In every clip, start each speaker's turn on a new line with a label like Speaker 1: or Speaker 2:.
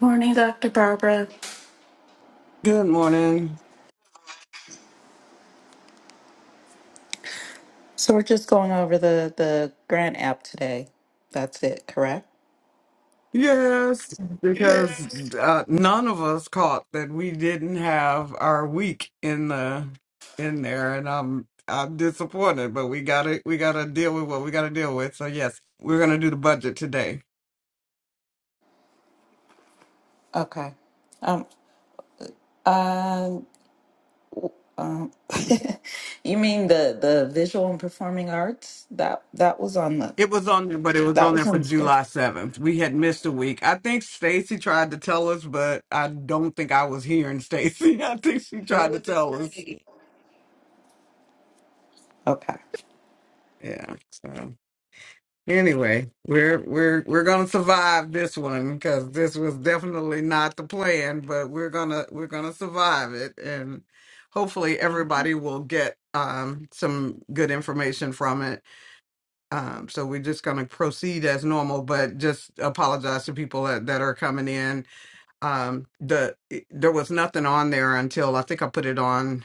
Speaker 1: Morning, Dr. Barbara.
Speaker 2: Good morning.
Speaker 1: So we're just going over the the grant app today. That's it, correct?
Speaker 2: Yes, because uh, none of us caught that we didn't have our week in the in there, and I'm I'm disappointed. But we got to we got to deal with what we got to deal with. So yes, we're gonna do the budget today.
Speaker 1: Okay. Um. Uh. Um. you mean the the visual and performing arts that that was on the
Speaker 2: It was on there, but it was
Speaker 1: that
Speaker 2: on
Speaker 1: was
Speaker 2: there for
Speaker 1: on the
Speaker 2: July
Speaker 1: schedule.
Speaker 2: seventh. We had missed a week. I think Stacy tried to tell us, but I don't think I was hearing Stacy. I think she tried to tell us.
Speaker 1: Okay.
Speaker 2: Yeah. so. Anyway, we're we're we're gonna survive this one because this was definitely not the plan, but we're gonna we're gonna survive it, and hopefully everybody will get um, some good information from it. Um, so we're just gonna proceed as normal, but just apologize to people that, that are coming in. Um, the there was nothing on there until I think I put it on.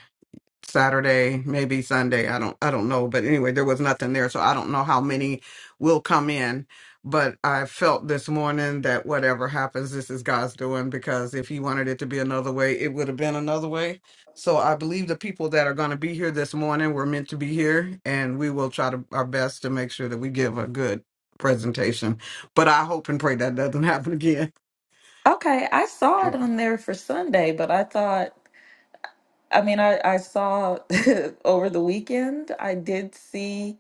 Speaker 2: Saturday, maybe Sunday. I don't I don't know, but anyway, there was nothing there, so I don't know how many will come in. But I felt this morning that whatever happens, this is God's doing because if he wanted it to be another way, it would have been another way. So I believe the people that are going to be here this morning were meant to be here, and we will try to, our best to make sure that we give a good presentation. But I hope and pray that doesn't happen again.
Speaker 1: Okay. I saw it
Speaker 2: Yeah.
Speaker 1: on there for Sunday, but I thought. I mean, I I saw over the weekend. I did see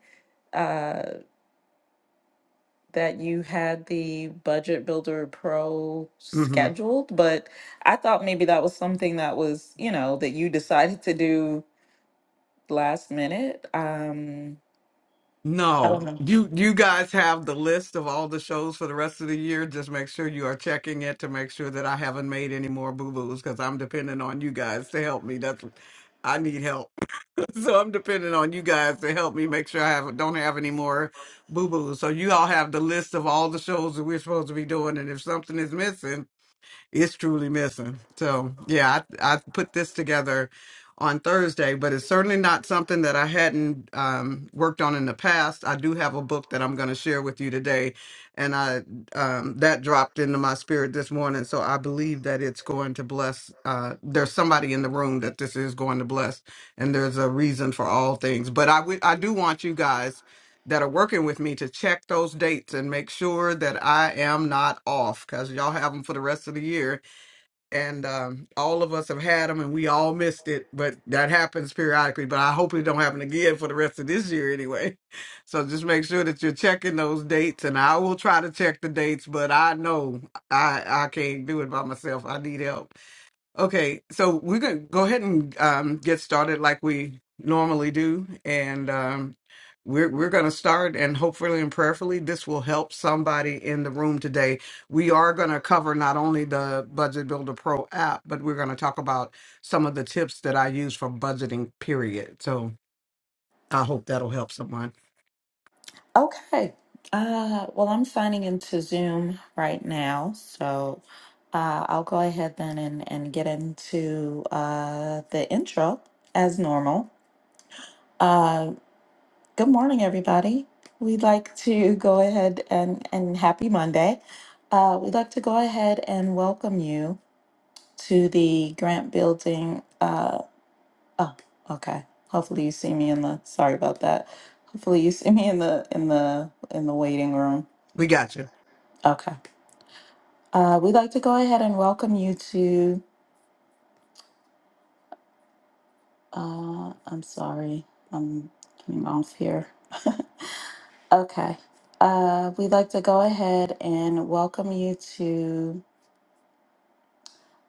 Speaker 1: that you had the Budget Builder Pro
Speaker 2: Mm-hmm.
Speaker 1: scheduled, but I thought maybe that was something that was, you know, that you decided to do last minute. Um, I don't
Speaker 2: No,
Speaker 1: know.
Speaker 2: you you guys have the list of all the shows for the rest of the year. Just make sure you are checking it to make sure that I haven't made any more boo boos because I'm depending on you guys to help me. That's I need help, so I'm depending on you guys to help me make sure I have don't have any more boo boos. So you all have the list of all the shows that we're supposed to be doing, and if something is missing it's truly missing. So yeah, I I put this together on Thursday, but it's certainly not something that I hadn't um, worked on in the past. I do have a book that I'm going to share with you today, and I um, that dropped into my spirit this morning. So I believe that it's going to bless. Uh, there's somebody in the room that this is going to bless, and there's a reason for all things. But I would I do want you guys that are working with me to check those dates and make sure that I am not off because y'all have them for the rest of the year and um, all of us have had them, and we all missed it. But that happens periodically. But I hope it don't happen again for the rest of this year, anyway. So just make sure that you're checking those dates, and I will try to check the dates. But I know I I can't do it by myself. I need help. Okay, so we're gonna go ahead and um, get started like we normally do, and um, we're we're gonna start, and hopefully and prayerfully, this will help somebody in the room today. We are gonna cover not only the Budget Builder Pro app, but we're gonna talk about some of the tips that I use for budgeting. Period. So I hope that'll help someone.
Speaker 1: Okay. Uh, well, I'm signing into Zoom right now, so uh, I'll go ahead then and, and get into uh, the intro as normal. Uh, Good morning, everybody. We'd like to go ahead and, and happy Monday. Uh, we'd like to go ahead and welcome you to the grant building. Uh, oh, okay. Hopefully you see me in the, sorry about that. Hopefully you see me in the, in the, in the waiting room.
Speaker 2: We got you.
Speaker 1: Okay. Uh, we'd like to go ahead and welcome you to, uh, I'm sorry, I'm getting off here. Okay. Uh, we'd like to go ahead and welcome you to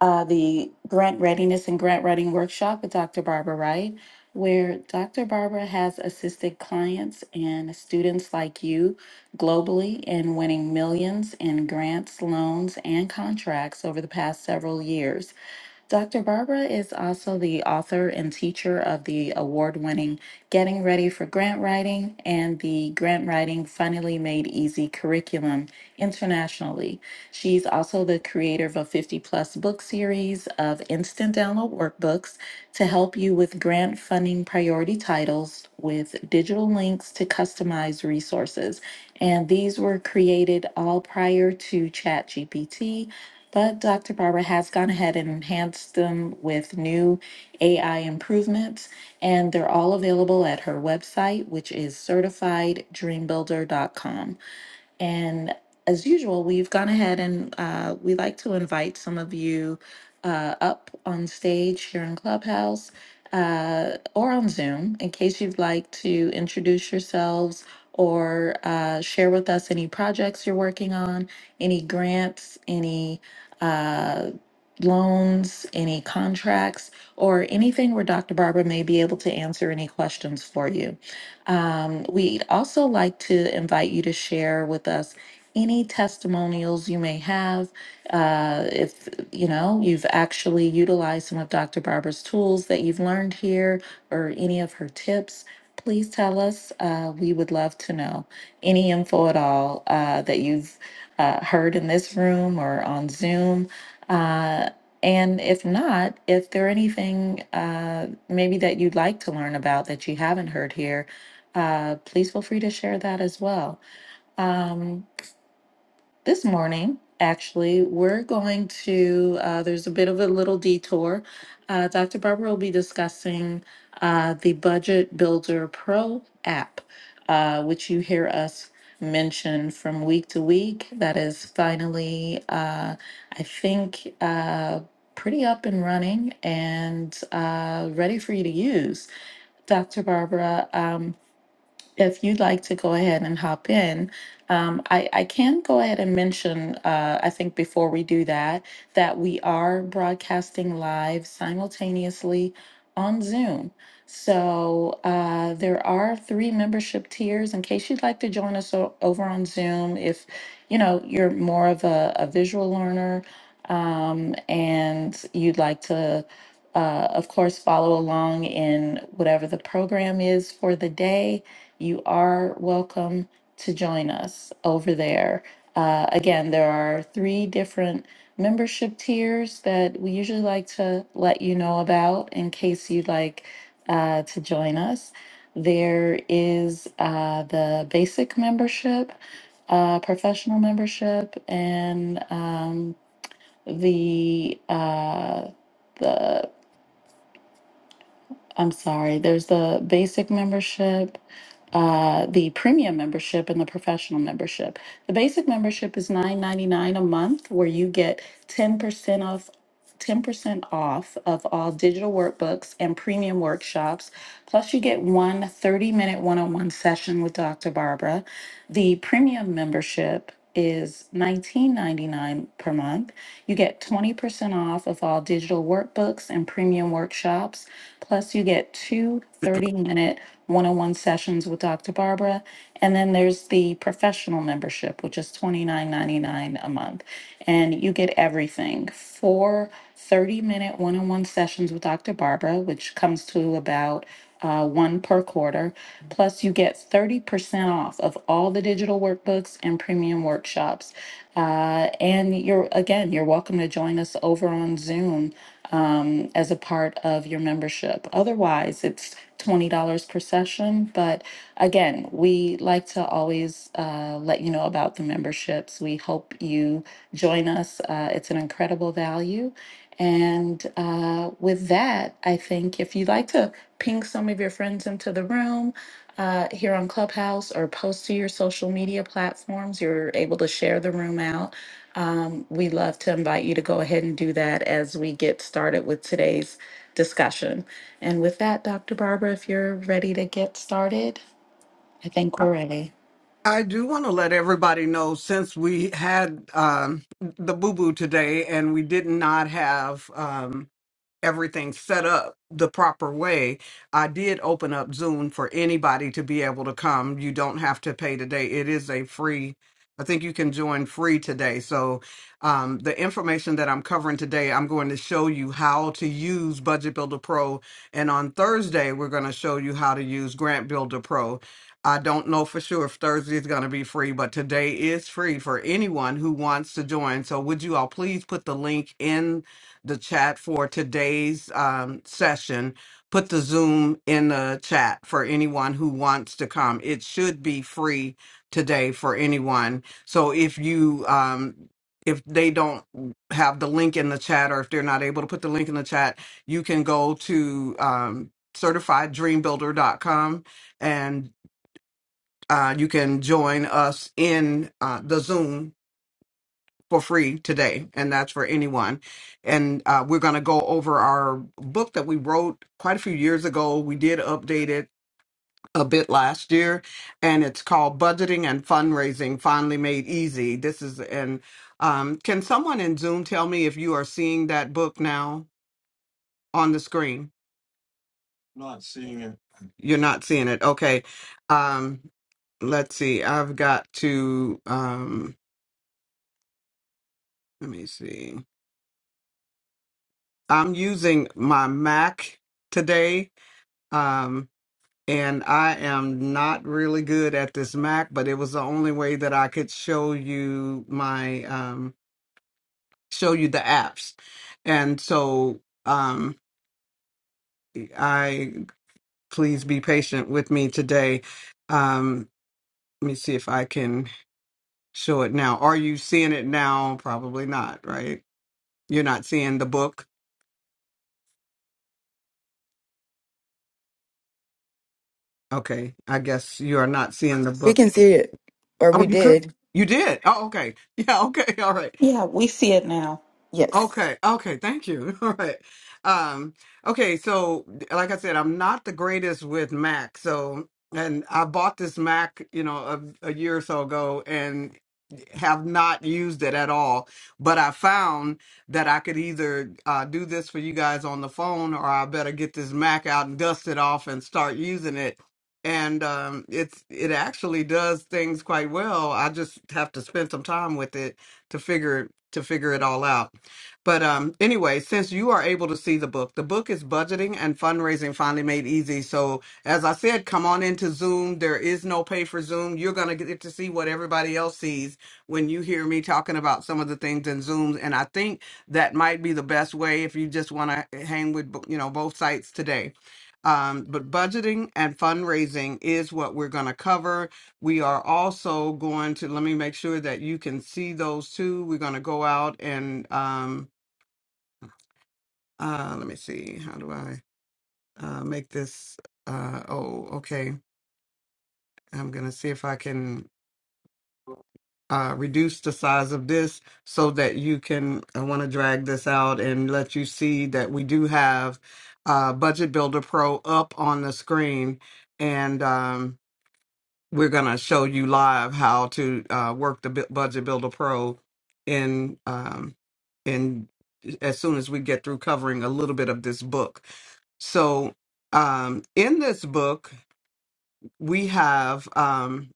Speaker 1: uh, the grant readiness and grant writing workshop with Dr. Barbara Wright, where Dr. Barbara has assisted clients and students like you globally in winning millions in grants, loans, and contracts over the past several years. Dr. Barbara is also the author and teacher of the award winning Getting Ready for Grant Writing and the Grant Writing Finally Made Easy curriculum internationally. She's also the creator of a 50 plus book series of instant download workbooks to help you with grant funding priority titles with digital links to customized resources. And these were created all prior to ChatGPT but Dr. Barbara has gone ahead and enhanced them with new AI improvements, and they're all available at her website, which is certifieddreambuilder.com. And as usual, we've gone ahead and uh, we like to invite some of you uh, up on stage here in Clubhouse uh, or on Zoom in case you'd like to introduce yourselves or uh, share with us any projects you're working on, any grants, any uh, loans, any contracts, or anything where Dr. Barbara may be able to answer any questions for you. Um, we'd also like to invite you to share with us any testimonials you may have. Uh, if you know you've actually utilized some of Dr. Barber's tools that you've learned here or any of her tips, please tell us. Uh, we would love to know any info at all uh, that you've uh, heard in this room or on Zoom. Uh, and if not, if there anything uh, maybe that you'd like to learn about that you haven't heard here, uh, please feel free to share that as well. Um, this morning, actually, we're going to, uh, there's a bit of a little detour. Uh, Dr. Barbara will be discussing uh, the Budget Builder Pro app, uh, which you hear us mention from week to week. That is finally, uh, I think, uh, pretty up and running and uh, ready for you to use. Dr. Barbara. um, if you'd like to go ahead and hop in, um, I, I can go ahead and mention, uh, I think before we do that, that we are broadcasting live simultaneously on Zoom. So uh, there are three membership tiers in case you'd like to join us o- over on Zoom if you know you're more of a, a visual learner um, and you'd like to uh, of course follow along in whatever the program is for the day you are welcome to join us over there. Uh, again, there are three different membership tiers that we usually like to let you know about in case you'd like uh, to join us. There is uh, the basic membership, uh, professional membership, and um, the uh, the I'm sorry, there's the basic membership, uh, the premium membership, and the professional membership. The basic membership is $9.99 a month, where you get 10% off 10% off of all digital workbooks and premium workshops. Plus, you get 130 minute one on one session with Dr. Barbara. The premium membership is nineteen ninety-nine per month. You get 20% off of all digital workbooks and premium workshops. Plus, you get 230 minute one on one sessions with Dr. Barbara. And then there's the professional membership, which is twenty-nine ninety-nine a month month, and you get everything. Four 30 minute one on one sessions with Dr. Barbara, which comes to about uh, one per quarter. Plus, you get 30% off of all the digital workbooks and premium workshops. Uh, and you're, again, you're welcome to join us over on Zoom um, as a part of your membership. Otherwise, it's $20 per session. But again, we like to always uh, let you know about the memberships. We hope you join us. Uh, it's an incredible value. And uh, with that, I think if you'd like to ping some of your friends into the room, uh, here on Clubhouse or post to your social media platforms. You're able to share the room out. Um, we love to invite you to go ahead and do that as we get started with today's discussion. And with that, Dr. Barbara, if you're ready to get started, I think
Speaker 2: I
Speaker 1: we're ready.
Speaker 2: I do want to let everybody know since we had um, the boo boo today and we did not have. Um, everything set up the proper way, I did open up Zoom for anybody to be able to come. You don't have to pay today. It is a free. I think you can join free today. So, um, the information that I'm covering today, I'm going to show you how to use Budget Builder Pro. And on Thursday, we're going to show you how to use Grant Builder Pro. I don't know for sure if Thursday is going to be free, but today is free for anyone who wants to join. So, would you all please put the link in? the chat for today's um, session. Put the Zoom in the chat for anyone who wants to come. It should be free today for anyone. So if you um, if they don't have the link in the chat, or if they're not able to put the link in the chat, you can go to um, certifieddreambuilder.com and uh, you can join us in uh, the Zoom for free today, and that's for anyone. And uh, we're going to go over our book that we wrote quite a few years ago. We did update it a bit last year, and it's called Budgeting and Fundraising Finally Made Easy. This is an um, can someone in Zoom tell me if you are seeing that book now on the screen? You're not seeing it. Okay. Um, let's see. I've got to, um, let me see. I'm using my Mac today um, and I am not really good at this Mac, but it was the only way that I could show you my um, show you the apps, and so um, I please be patient with me today. Um, let me see if I can show it now. Are you seeing it now? Probably not, right? You're not seeing the book. Okay, I guess you are not seeing the
Speaker 3: We
Speaker 2: book.
Speaker 3: can see it, or
Speaker 2: Oh,
Speaker 3: we
Speaker 2: you could.
Speaker 3: did.
Speaker 2: You did. Oh, okay. Yeah, okay. All right.
Speaker 1: Yeah, we see it now.
Speaker 3: Yes.
Speaker 2: Okay, okay, thank you. All right. Um, okay, so like I said, I'm not the greatest with Mac. So, and I bought this Mac, you know, a, a year or so ago and have not used it at all. But I found that I could either uh, do this for you guys on the phone or I better get this Mac out and dust it off and start using it. And um, it's it actually does things quite well. I just have to spend some time with it to figure to figure it all out. But um, anyway, since you are able to see the book, the book is Budgeting and Fundraising Finally Made Easy. So, as I said, come on into Zoom. There is no pay for Zoom. You're going to get to see what everybody else sees when you hear me talking about some of the things in Zoom. And I think that might be the best way if you just want to hang with, you know, both sites today. Um, but budgeting and fundraising is what we're going to cover. We are also going to, let me make sure that you can see those two. We're going to go out and, um, uh, let me see. How do I uh, make this? Uh, oh, okay. I'm going to see if I can uh, reduce the size of this so that you can. I want to drag this out and let you see that we do have uh, Budget Builder Pro up on the screen. And um, we're going to show you live how to uh, work the Bu- Budget Builder Pro in, um, in as soon as we get through covering a little bit of this book. So, um, in this book, we have um,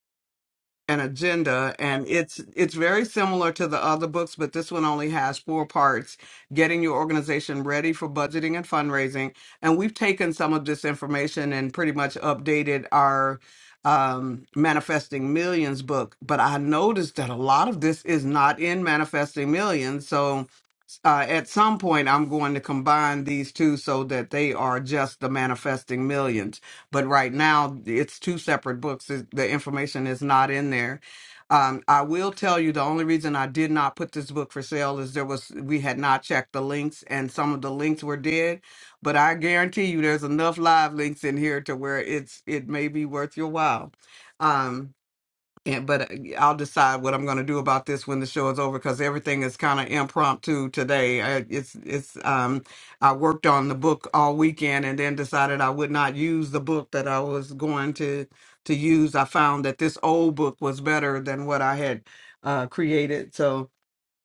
Speaker 2: an agenda, and it's it's very similar to the other books, but this one only has four parts: getting your organization ready for budgeting and fundraising. And we've taken some of this information and pretty much updated our um, manifesting millions book. But I noticed that a lot of this is not in manifesting millions, so uh, at some point I'm going to combine these two so that they are just the manifesting millions. But right now it's two separate books. It- The information is not in there. Um, I will tell you the only reason I did not put this book for sale is there was we had not checked the links and some of the links were dead. But I guarantee you there's enough live links in here to where it's it may be worth your while. Um, and, but uh, I'll decide what I'm going to do about this when the show is over because everything is kind of impromptu today. I, it's it's um I worked on the book all weekend and then decided I would not use the book that I was going to to use. I found that this old book was better than what I had uh, created, so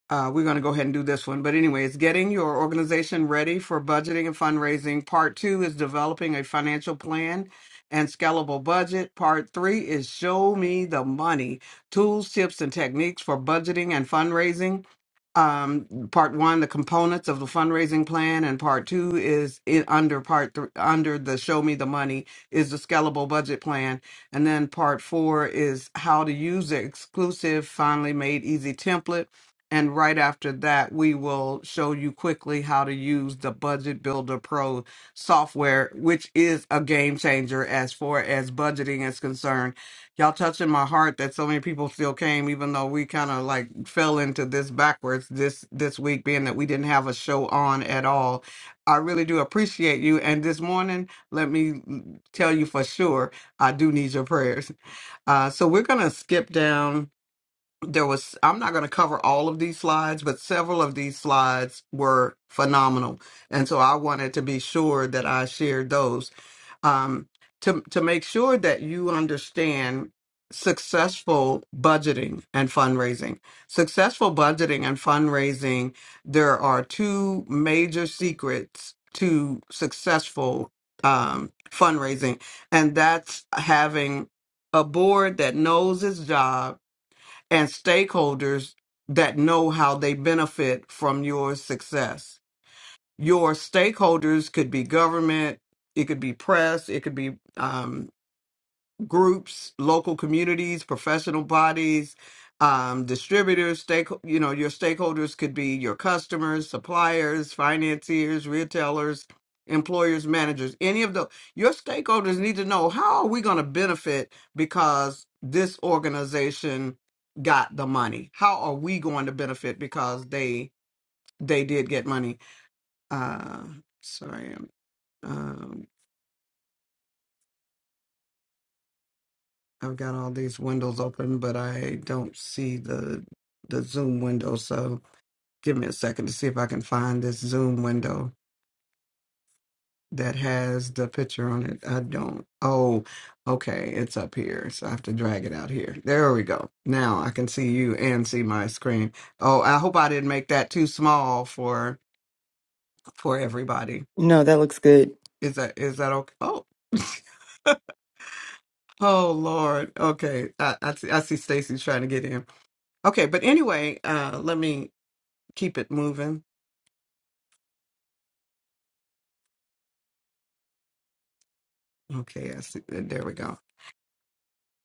Speaker 2: uh, we're going to go ahead and do this one. But anyway, it's getting your organization ready for budgeting and fundraising. Part two is developing a financial plan and scalable budget. Part three is show me the money tools, tips, and techniques for budgeting and fundraising um part one the components of the fundraising plan and part two is in under part three under the show me the money is the scalable budget plan and then part four is how to use the exclusive finally made easy template and right after that we will show you quickly how to use the budget builder pro software which is a game changer as far as budgeting is concerned y'all touching my heart that so many people still came even though we kind of like fell into this backwards this this week being that we didn't have a show on at all i really do appreciate you and this morning let me mm, tell you for sure i do need your prayers uh, so we're gonna skip down there was i'm not gonna cover all of these slides but several of these slides were phenomenal and so i wanted to be sure that i shared those um, to to make sure that you understand successful budgeting and fundraising. Successful budgeting and fundraising, there are two major secrets to successful um, fundraising, and that's having a board that knows its job and stakeholders that know how they benefit from your success your stakeholders could be government, it could be press, it could be um, groups, local communities, professional bodies, um, distributors. Stake, you know, your stakeholders could be your customers, suppliers, financiers, retailers, employers, managers. Any of those, your stakeholders need to know how are we going to benefit because this organization got the money. How are we going to benefit because they they did get money? Uh, sorry, I'm- um, I've got all these windows open, but I don't see the the Zoom window. So give me a second to see if I can find this Zoom window that has the picture on it. I don't. Oh, okay, it's up here. So I have to drag it out here. There we go. Now I can see you and see my screen. Oh, I hope I didn't make that too small for for everybody.
Speaker 3: No, that looks good.
Speaker 2: Is that is that okay? Oh. Oh Lord. Okay. I, I see I see Stacy's trying to get in. Okay, but anyway, uh let me keep it moving. Okay, I see uh, there we go.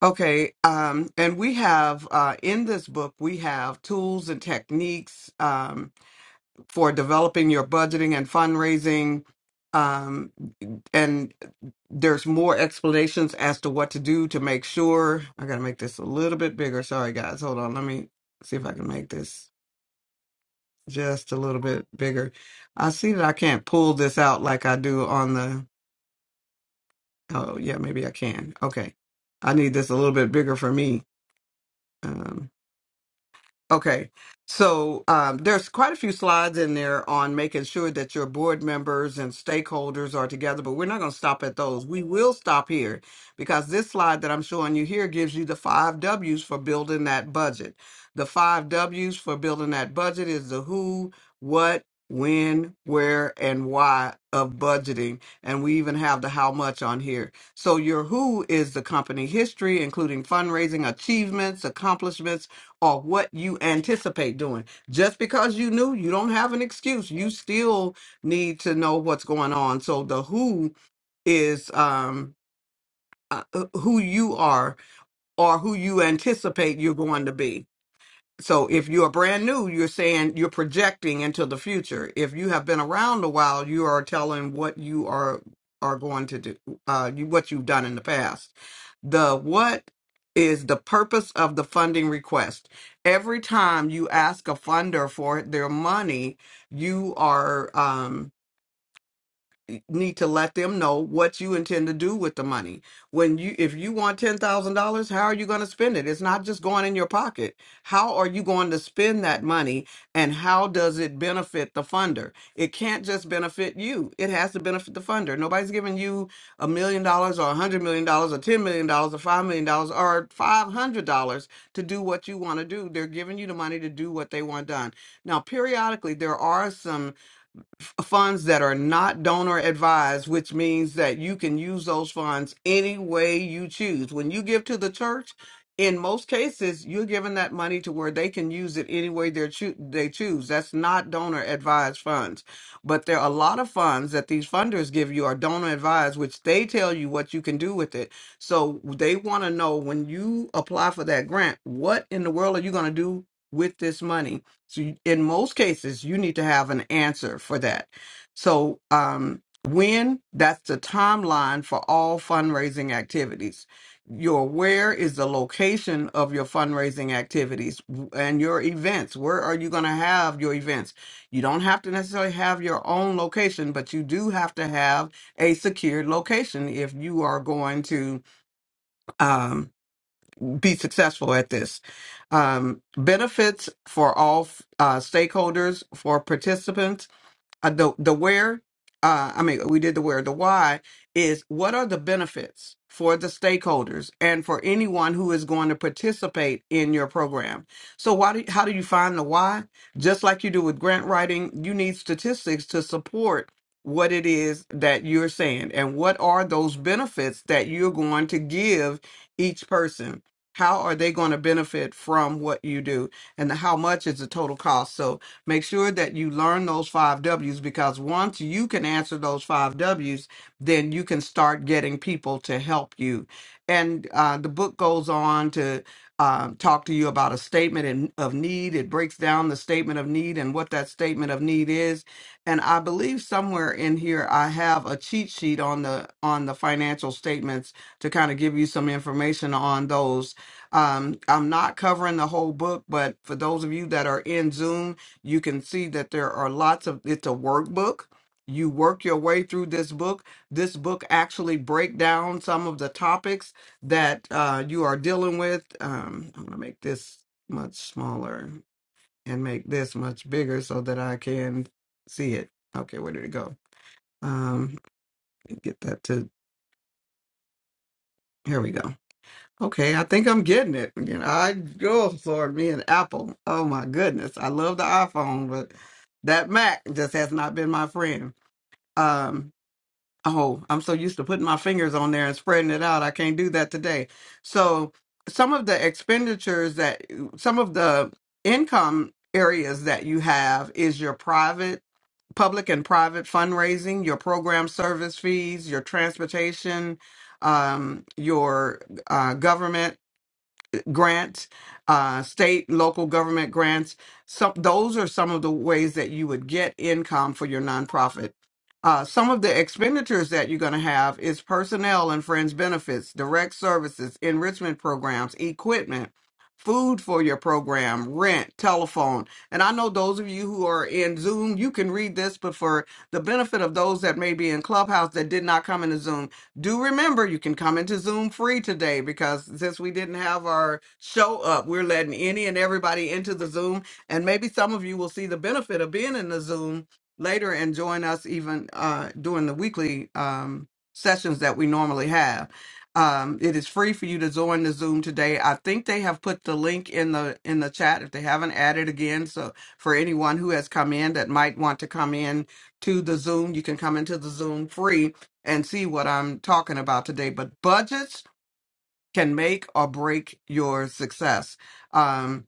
Speaker 2: Okay, um and we have uh in this book we have tools and techniques um for developing your budgeting and fundraising um and there's more explanations as to what to do to make sure. I got to make this a little bit bigger. Sorry guys. Hold on. Let me see if I can make this just a little bit bigger. I see that I can't pull this out like I do on the. Oh yeah, maybe I can. Okay, I need this a little bit bigger for me. um, Okay. So um, there's quite a few slides in there on making sure that your board members and stakeholders are together, but we're not going to stop at those. We will stop here because this slide that I'm showing you here gives you the five W's for building that budget. The five W's for building that budget is the who, what, when, where, and why of budgeting. And we even have the how much on here. So your who is the company history, including fundraising, achievements, accomplishments, or what you anticipate doing. Just because you knew, you don't have an excuse. You still need to know what's going on. So the who is um uh, who you are or who you anticipate you're going to be so if you are brand new, you're saying you're projecting into the future. If you have been around a while, you are telling what you are are going to do, uh, you, what you've done in the past. The what is the purpose of the funding request? Every time you ask a funder for their money, you are. Um, need to let them know what you intend to do with the money. When you if you want $10,000, how are you going to spend it? It's not just going in your pocket. How are you going to spend that money and how does it benefit the funder? It can't just benefit you. It has to benefit the funder. Nobody's giving you a million dollars or a hundred million dollars or ten million dollars or five million dollars or five hundred dollars to do what you want to do. They're giving you the money to do what they want done. Now, periodically, there are some funds that are not donor advised, which means that you can use those funds any way you choose. When you give to the church, in most cases, you're giving that money to where they can use it any way they choo- they choose. That's not donor advised funds. But there are a lot of funds that these funders give you are donor advised, which they tell you what you can do with it. So they want to know when you apply for that grant, what in the world are you going to do with this money? So you, in most cases, you need to have an answer for that. So um, when that's the timeline for all fundraising activities. Your where is the location of your fundraising activities and your events. Where are you going to have your events? You don't have to necessarily have your own location, but you do have to have a secured location if you are going to um, be successful at this. Um, benefits for all uh, stakeholders, for participants, uh, the the where uh, I mean we did the where the why is what are the benefits for the stakeholders and for anyone who is going to participate in your program. So why do how do you find the why? Just like you do with grant writing, you need statistics to support what it is that you're saying and what are those benefits that you're going to give each person. How are they going to benefit from what you do and how much is the total cost? So Make sure that you learn those five W's because once you can answer those five W's, then you can start getting people to help you. And uh, the book goes on to um, talk to you about a statement in, of need. It breaks down the statement of need and what that statement of need is. And I believe somewhere in here I have a cheat sheet on the on the financial statements to kind of give you some information on those. Um, I'm not covering the whole book, but for those of you that are in Zoom, you can see that there are lots of it's a workbook you work your way through this book this book actually break down some of the topics that uh, you are dealing with um, i'm going to make this much smaller and make this much bigger so that i can see it okay where did it go um, let me get that to here we go okay i think i'm getting it you know i go lord me and apple oh my goodness i love the iphone but that mac just has not been my friend um oh i'm so used to putting my fingers on there and spreading it out i can't do that today so some of the expenditures that some of the income areas that you have is your private public and private fundraising your program service fees your transportation um, your uh, government grants, uh, state, local government grants. Some those are some of the ways that you would get income for your nonprofit. Uh, some of the expenditures that you're going to have is personnel and friends benefits, direct services, enrichment programs, equipment, food for your program, rent, telephone. And I know those of you who are in Zoom, you can read this, but for the benefit of those that may be in Clubhouse that did not come into Zoom. Do remember you can come into Zoom free today because since we didn't have our show up, we're letting any and everybody into the Zoom. And maybe some of you will see the benefit of being in the Zoom later and join us even uh, during the weekly um, sessions that we normally have. Um, it is free for you to join the Zoom today. I think they have put the link in the in the chat if they haven't added again. So for anyone who has come in that might want to come in to the Zoom, you can come into the Zoom free and see what I'm talking about today. But budgets can make or break your success. Um,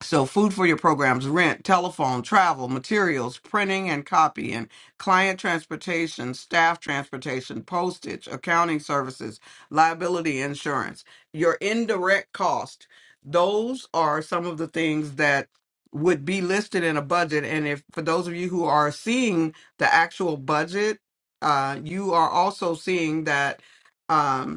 Speaker 2: so, food for your programs, rent, telephone, travel, materials, printing and copying, client transportation, staff transportation, postage, accounting services, liability insurance, your indirect cost. Those are some of the things that would be listed in a budget. And if for those of you who are seeing the actual budget, uh, you are also seeing that. um,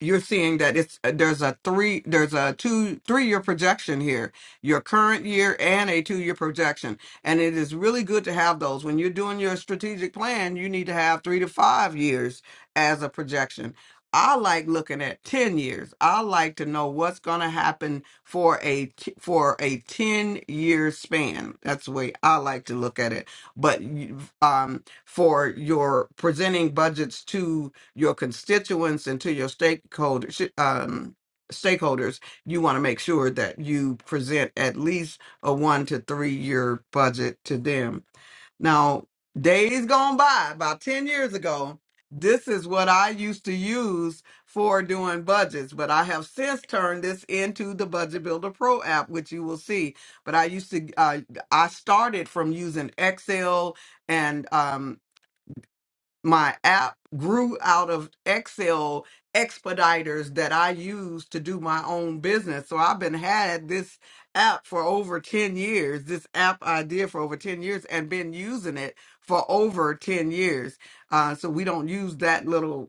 Speaker 2: you're seeing that it's uh, there's a three there's a two three year projection here your current year and a two year projection and it is really good to have those when you're doing your strategic plan you need to have three to five years as a projection i like looking at 10 years i like to know what's going to happen for a t- for a 10 year span that's the way i like to look at it but you- um for your presenting budgets your constituents and to your stakeholders um, stakeholders you want to make sure that you present at least a one to three year budget to them now days gone by about 10 years ago this is what i used to use for doing budgets but i have since turned this into the budget builder pro app which you will see but i used to uh, i started from using excel and um, my app grew out of Excel expediters that I use to do my own business. So I've been had this app for over 10 years, this app idea for over 10 years and been using it for over 10 years. Uh, so we don't use that little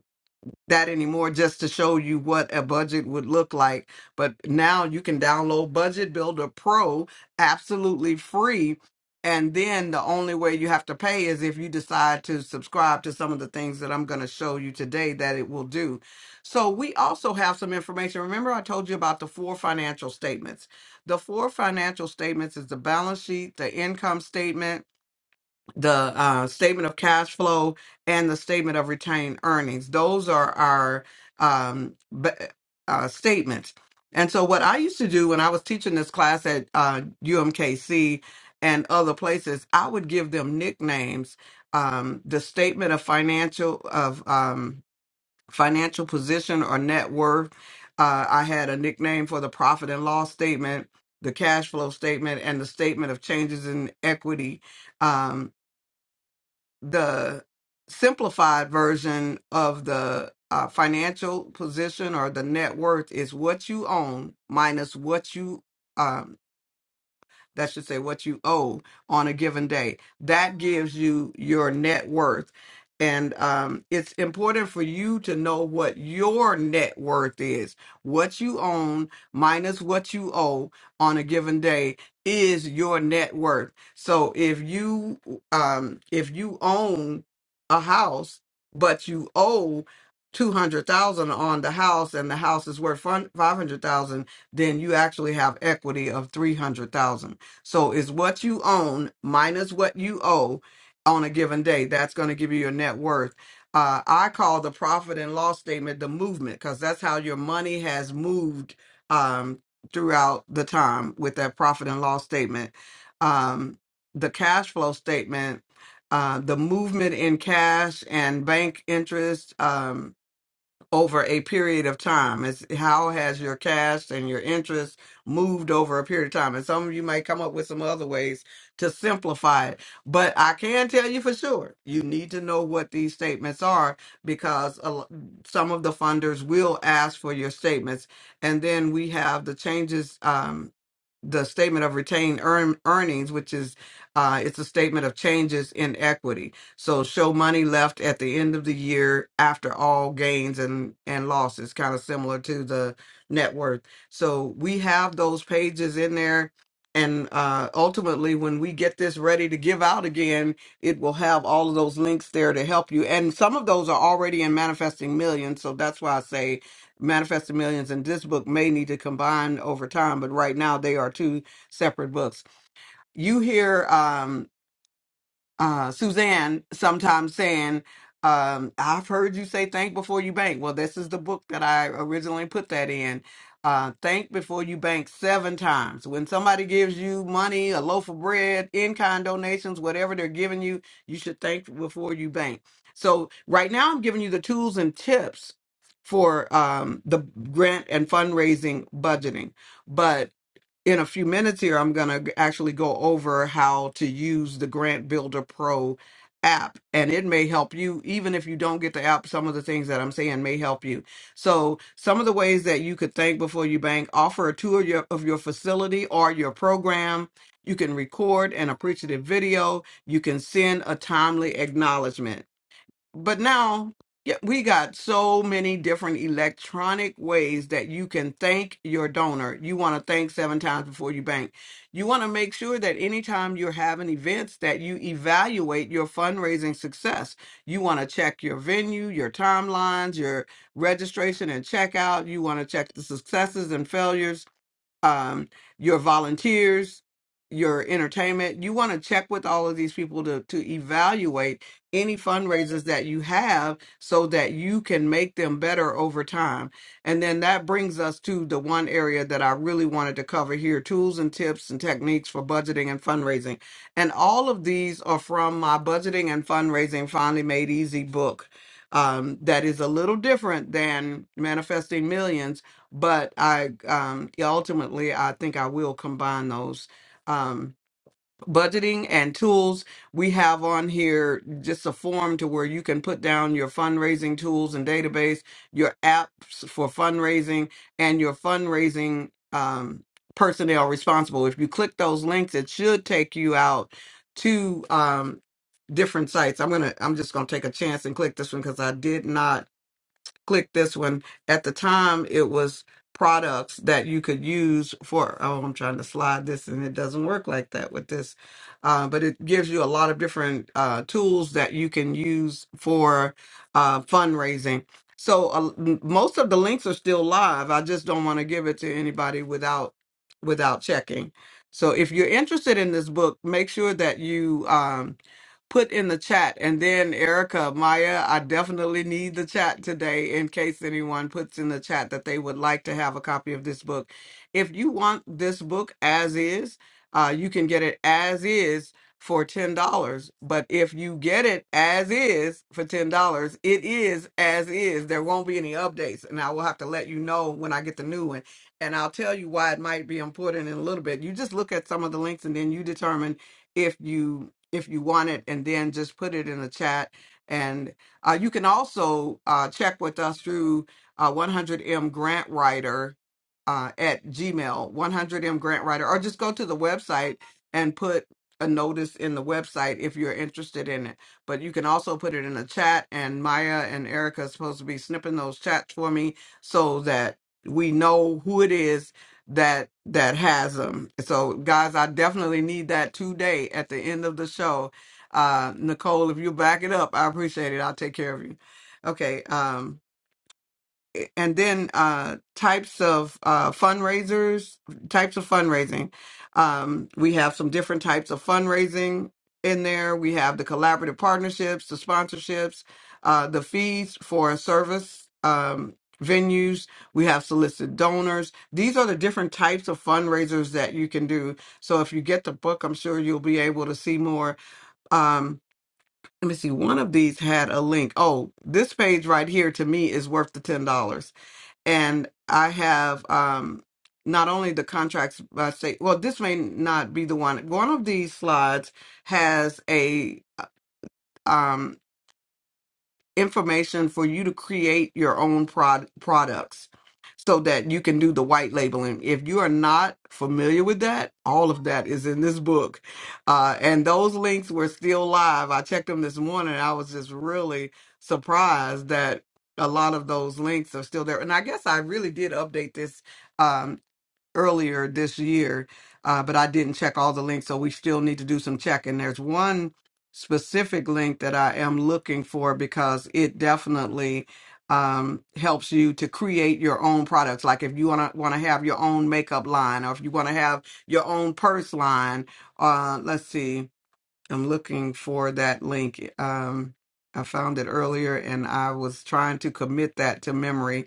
Speaker 2: that anymore just to show you what a budget would look like. But now you can download Budget Builder Pro absolutely free. And then the only way you have to pay is if you decide to subscribe to some of the things that I'm going to show you today that it will do. So we also have some information. Remember, I told you about the four financial statements. The four financial statements is the balance sheet, the income statement, the uh, statement of cash flow and the statement of retained earnings. Those are our um, b- uh, statements. And so, what I used to do when I was teaching this class at uh, UMKC and other places, I would give them nicknames. Um, the statement of financial of um, financial position or net worth. Uh, I had a nickname for the profit and loss statement, the cash flow statement, and the statement of changes in equity Um, the simplified version of the uh, financial position or the net worth is what you own minus what you um that should say what you owe on a given day. That gives you your net worth. And um, it's important for you to know what your net worth is. What you own minus what you owe on a given day is your net worth. So if you um, if you own a house but you owe two hundred thousand on the house and the house is worth five hundred thousand, then you actually have equity of three hundred thousand so it's what you own minus what you owe on a given day. That's going to give you your net worth. Uh, I call the profit and loss statement the movement because that's how your money has moved um, throughout the time with that profit and loss statement. Um, the cash flow statement, uh, the movement in cash and bank interest. Um, over a period of time. It's how has your cash and your interest moved over a period of time? And some of you may come up with some other ways to simplify it. But I can tell you for sure, you need to know what these statements are because a lo- some of the funders will ask for your statements. And then we have the changes um, the statement of retained earn, earnings, which is uh, it's a statement of changes in equity. So show money left at the end of the year after all gains and and losses, kind of similar to the net worth. So we have those pages in there, and uh, ultimately, when we get this ready to give out again, it will have all of those links there to help you. And some of those are already in Manifesting Millions, so that's why I say Manifesting Millions and this book may need to combine over time, but right now they are two separate books. You hear. Um, uh, Suzanne sometimes saying, um, I've heard you say think before you bank. Well, this is the book that I originally put that in. Uh, think before you bank seven times. When somebody gives you money, a loaf of bread, in kind donations, whatever they're giving you, you should think before you bank. So, right now, I'm giving you the tools and tips for um, the grant and fundraising budgeting. But in a few minutes here, I'm going to actually go over how to use the Grant Builder Pro app. And it may help you, even if you don't get the app, some of the things that I'm saying may help you. So, some of the ways that you could think before you bank offer a tour of your, of your facility or your program. You can record an appreciative video. You can send a timely acknowledgement but now yeah, we got so many different electronic ways that you can thank your donor. You want to thank seven times before you bank. You want to make sure that anytime you're having events that you evaluate your fundraising success. You want to check your venue, your timelines, your registration and checkout. You want to check the successes and failures um, your volunteers, your entertainment. You want to check with all of these people to to evaluate any fundraisers that you have so that you can make them better over time. And then that brings us to the one area that I really wanted to cover here, tools and tips and techniques for budgeting and fundraising. And all of these are from my budgeting and fundraising finally made easy book. Um, that is a little different than manifesting millions but I um, yeah, ultimately I think I will combine those um, budgeting and tools. We have on here just a form to where you can put down your fundraising tools and database, your apps for fundraising, and your fundraising um, personnel responsible. If you click those links, it should take you out to um, different sites. I'm gonna I'm just gonna take a chance and click this one because I did not click this one. At the time, it was products that you could use for. Oh, I'm trying to slide this, and it doesn't work like that with this. Uh, but it gives you a lot of different uh, tools that you can use for uh, fundraising. So uh, m- most of the links are still live. I just don't want to give it to anybody without without checking. So if you're interested in this book, make sure that you um, put in the chat. And then Erica, Maya, I definitely need the chat today in case anyone puts in the chat that they would like to have a copy of this book. If you want this book as is, uh, you can get it as is for $10. But if you get it as is for $10, it is as is. There won't be any updates. And I will have to let you know when I get the new one. And I'll tell you why it might be important in a little bit. You just look at some of the links and then you determine if you if you want it, and then just put it in the chat. And uh, you can also uh, check with us through uh, 100M Grant Writer uh, at Gmail, 100M Grant Writer, or just go to the website and put a notice in the website if you're interested in it. But you can also put it in the chat, and Maya and Erica are supposed to be snipping those chats for me so that we know who it is that that has them. So guys, I definitely need that today at the end of the show. Uh Nicole, if you back it up, I appreciate it. I'll take care of you. Okay. um, and then uh, types of uh, fundraisers, types of fundraising. Um, we have some different types of fundraising in there. We have the collaborative partnerships, the sponsorships, uh, the fees for service um, venues. We have solicited donors. These are the different types of fundraisers that you can do. So if you get the book, I'm sure you'll be able to see more. Um, let me see. One of these had a link. Oh, this page right here to me is worth the $10 and I have um, not only the contracts by state. Well, this may not be the one. One of these slides has a uh, um, information for you to create your own prod- products so that you can do the white labeling. If you are not familiar with that, all of that is in this book. Uh, and those links were still live. I checked them this morning. I was just really surprised that a lot of those links are still there. And I guess I really did update this um, earlier this year, uh, but I didn't check all the links, so we still need to do some checking. There's one specific link that I am looking for because it definitely um, helps you to create your own products. Like if you wanna wanna have your own makeup line, or if you wanna have your own purse line. Uh, let's see, I'm looking for that link. Um, I found it earlier, and I was trying to commit that to memory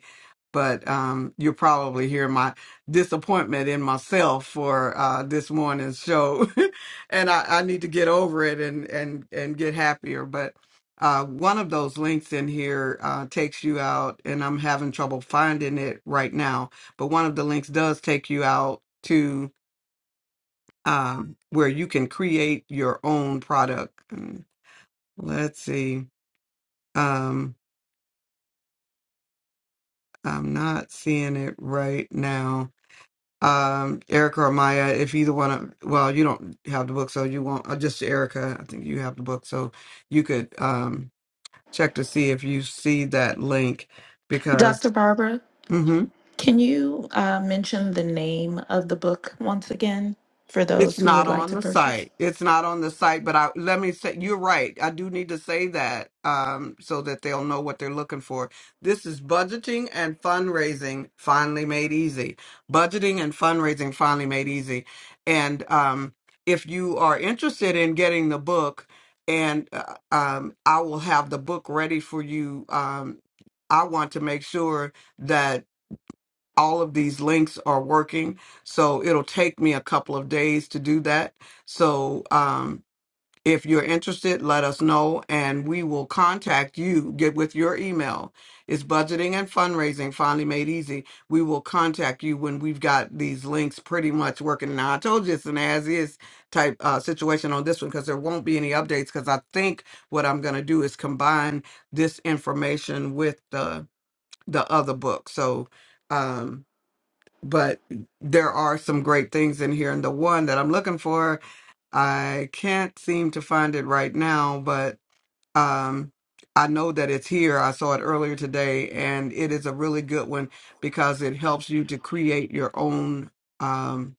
Speaker 2: but um, you'll probably hear my disappointment in myself for uh, this morning's show, and I, I need to get over it and and and get happier. But uh, one of those links in here uh, takes you out, and I'm having trouble finding it right now. But one of the links does take you out to um, where you can create your own product. Mm, Let's see. Um, I'm not seeing it right now um Erica or Maya if either one of well you don't have the book so you won't uh, just Erica I think you have the book so you could um check to see if you see that link because
Speaker 1: Dr. Barbara,
Speaker 2: mm-hmm.
Speaker 1: can you uh, mention the name of the book once again for those
Speaker 2: It's
Speaker 1: who would
Speaker 2: not
Speaker 1: like
Speaker 2: on
Speaker 1: to
Speaker 2: the
Speaker 1: purchase?
Speaker 2: site. It's not on the site, but I let me say you're right. I do need to say that um so that they'll know what they're looking for. This is budgeting and fundraising finally made easy. Budgeting and fundraising finally made easy. And um if you are interested in getting the book and uh, um I will have the book ready for you um I want to make sure all of these links are working. So it'll take me a couple of days to do that. So um, if you're interested, let us know and we will contact you. Get with your email. It's budgeting and fundraising finally made easy. We will contact you when we've got these links pretty much working. Now, I told you it's an as is type uh, situation on this one because there won't be any updates because I think what I'm going to do is combine this information with the the other book. So, um, but there are some great things in here. And the one that I'm looking for, I can't seem to find it right now, but um, I know that it's here. I saw it earlier today, and it is a really good one because it helps you to create your own um,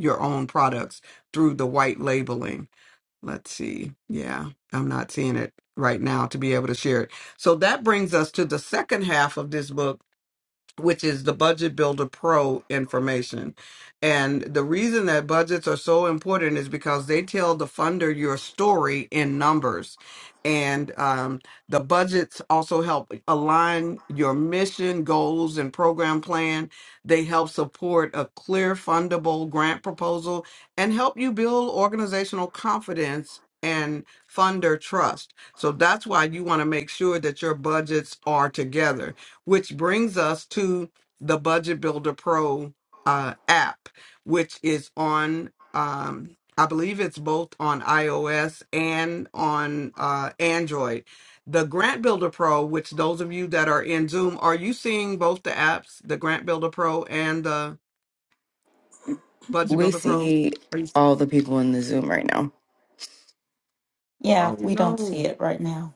Speaker 2: your own products through the white labeling. Let's see. Yeah, I'm not seeing it right now to be able to share it. So that brings us to the second half of this book which is the Budget Builder Pro information. And the reason that budgets are so important is because they tell the funder your story in numbers. And um, the budgets also help align your mission, goals, and program plan. They help support a clear, fundable grant proposal and help you build organizational confidence and funder trust. So that's why you want to make sure that your budgets are together which brings us to the Budget Builder Pro uh, app, which is on, um, I believe it's both on iOS and on uh, Android. The Grant Builder Pro, which those of you that are in Zoom, are you seeing both the apps, the Grant Builder Pro and the Budget
Speaker 3: We
Speaker 2: Builder Pro?
Speaker 3: see
Speaker 2: Are you?
Speaker 3: all the people in the Zoom right now.
Speaker 1: Yeah,
Speaker 2: Oh
Speaker 1: we don't see
Speaker 2: no!
Speaker 1: it right now.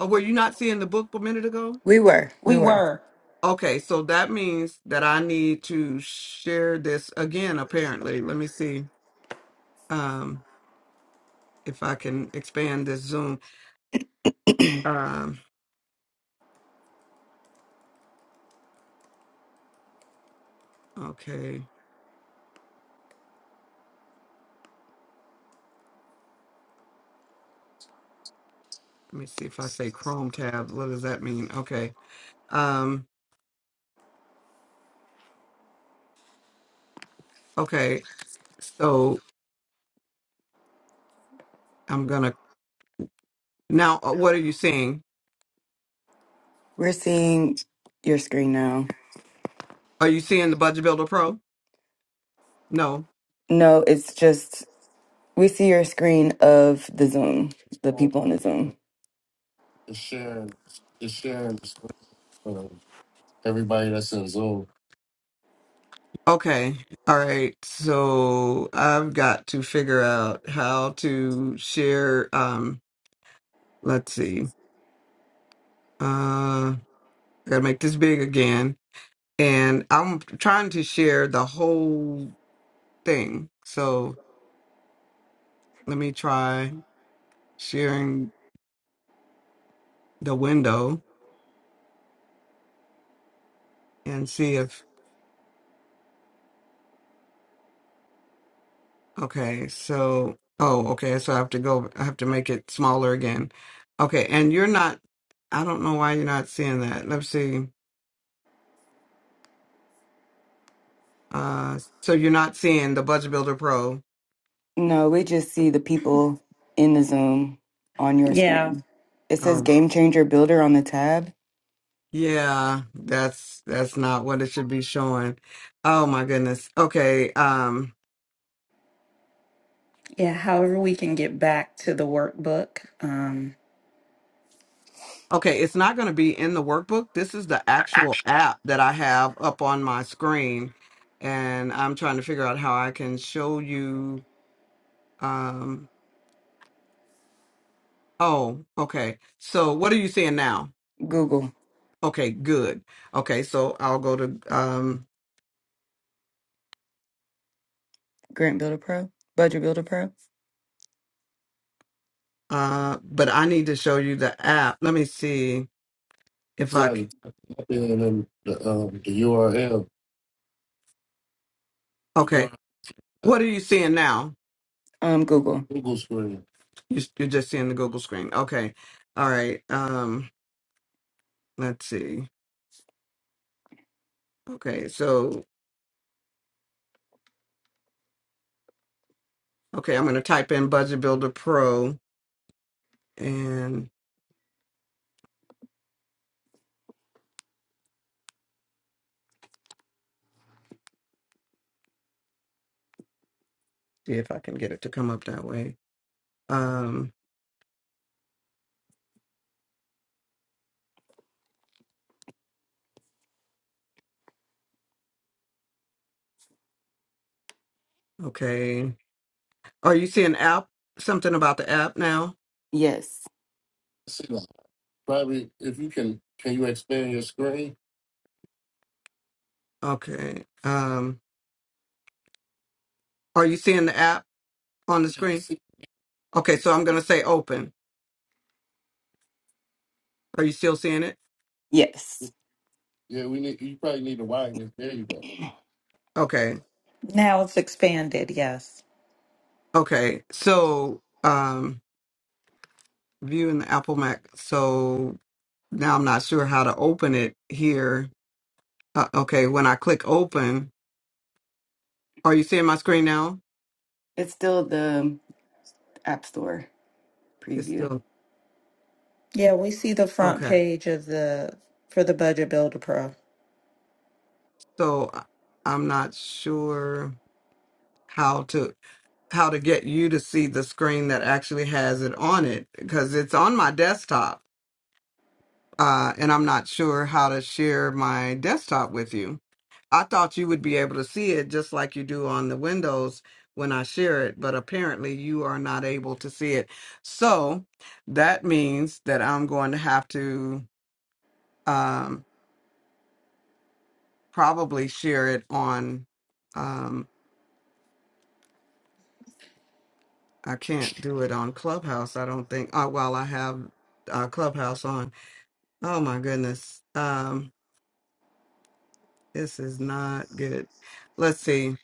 Speaker 2: Oh, were you not seeing the book a minute ago?
Speaker 3: We were, we
Speaker 1: We
Speaker 3: were.
Speaker 1: were.
Speaker 2: Okay, so that means that I need to share this again. Apparently, let me see. Um, if I can expand this Zoom. Um, okay, let me see if I say Chrome tab. What does that mean? Okay. Um, okay. So I'm gonna now. uh, What are you seeing?
Speaker 3: We're seeing your screen now.
Speaker 2: Are you seeing the Budget Builder Pro? No.
Speaker 3: No, it's just we see your screen of the Zoom, the people in the Zoom.
Speaker 2: It's sharing. It's sharing the screen for everybody that's in Zoom. Okay. All right. So I've got to figure out how to share. Um, let's see. Uh, I gotta make this big again. and I'm trying to share the whole thing. So let me try sharing the window and see if okay, so oh okay, so I have to go I have to make it smaller again. Okay, and you're not I don't know why you're not seeing that. Let's see. Uh so you're not seeing the Budget Builder Pro.
Speaker 3: No, we just see the people in the Zoom on your
Speaker 1: Yeah.
Speaker 3: screen. It says
Speaker 2: Um
Speaker 3: Game Changer Builder on the tab.
Speaker 2: yeah, that's that's not what it should be showing. Oh my goodness. Okay, Um.
Speaker 1: Yeah, however we can get back to the workbook. Um,
Speaker 2: Okay, it's not going to be in the workbook. This is the actual app that I have up on my screen, and I'm trying to figure out how I can show you. Um, oh, okay. So what are you seeing now?
Speaker 3: Google
Speaker 2: Okay, good. Okay, so I'll go to. Um,
Speaker 3: Grant Builder Pro, Budget Builder Pro.
Speaker 2: uh, but I need to show you the app. Let me see if I. like c- type in and the, um, the URL, Okay, what are you seeing now?
Speaker 3: Um, Google.
Speaker 2: Google screen. You- You're just seeing the Google screen. Okay, all right. Um. Let's see. Okay, so okay, I'm gonna type in Budget Builder Pro and see if I can get it to come up that way. Um, okay. Are you seeing app? Something about the app now?
Speaker 3: Yes,
Speaker 2: See, probably if you can, can you expand your screen? Okay. Um, are you seeing the app on the screen? See, Okay, so I'm gonna say open. Are you still seeing it?
Speaker 3: yes.
Speaker 2: yeah, we need. You probably need to widen it. There you go. Okay.
Speaker 1: Now it's expanded, yes.
Speaker 2: Okay. So, um, view in the Apple Mac. So now I'm not sure how to open it here. Uh, okay, when I click open, are you seeing my screen now?
Speaker 3: It's still the App Store
Speaker 2: It's
Speaker 3: preview.
Speaker 2: still
Speaker 1: yeah, we see the front
Speaker 2: okay.
Speaker 1: page of the for the Budget Builder Pro.
Speaker 2: So I- I'm not sure how to how to get you to see the screen that actually has it on it because it's on my desktop, uh, and I'm not sure how to share my desktop with you. I thought you would be able to see it just like you do on the windows when I share it, but apparently you are not able to see it. So that means that I'm going to have to um, probably share it on. Um, I can't do it on Clubhouse, I don't think, uh, while I have uh, Clubhouse on. Oh my goodness. Um, this is not good. Let's see.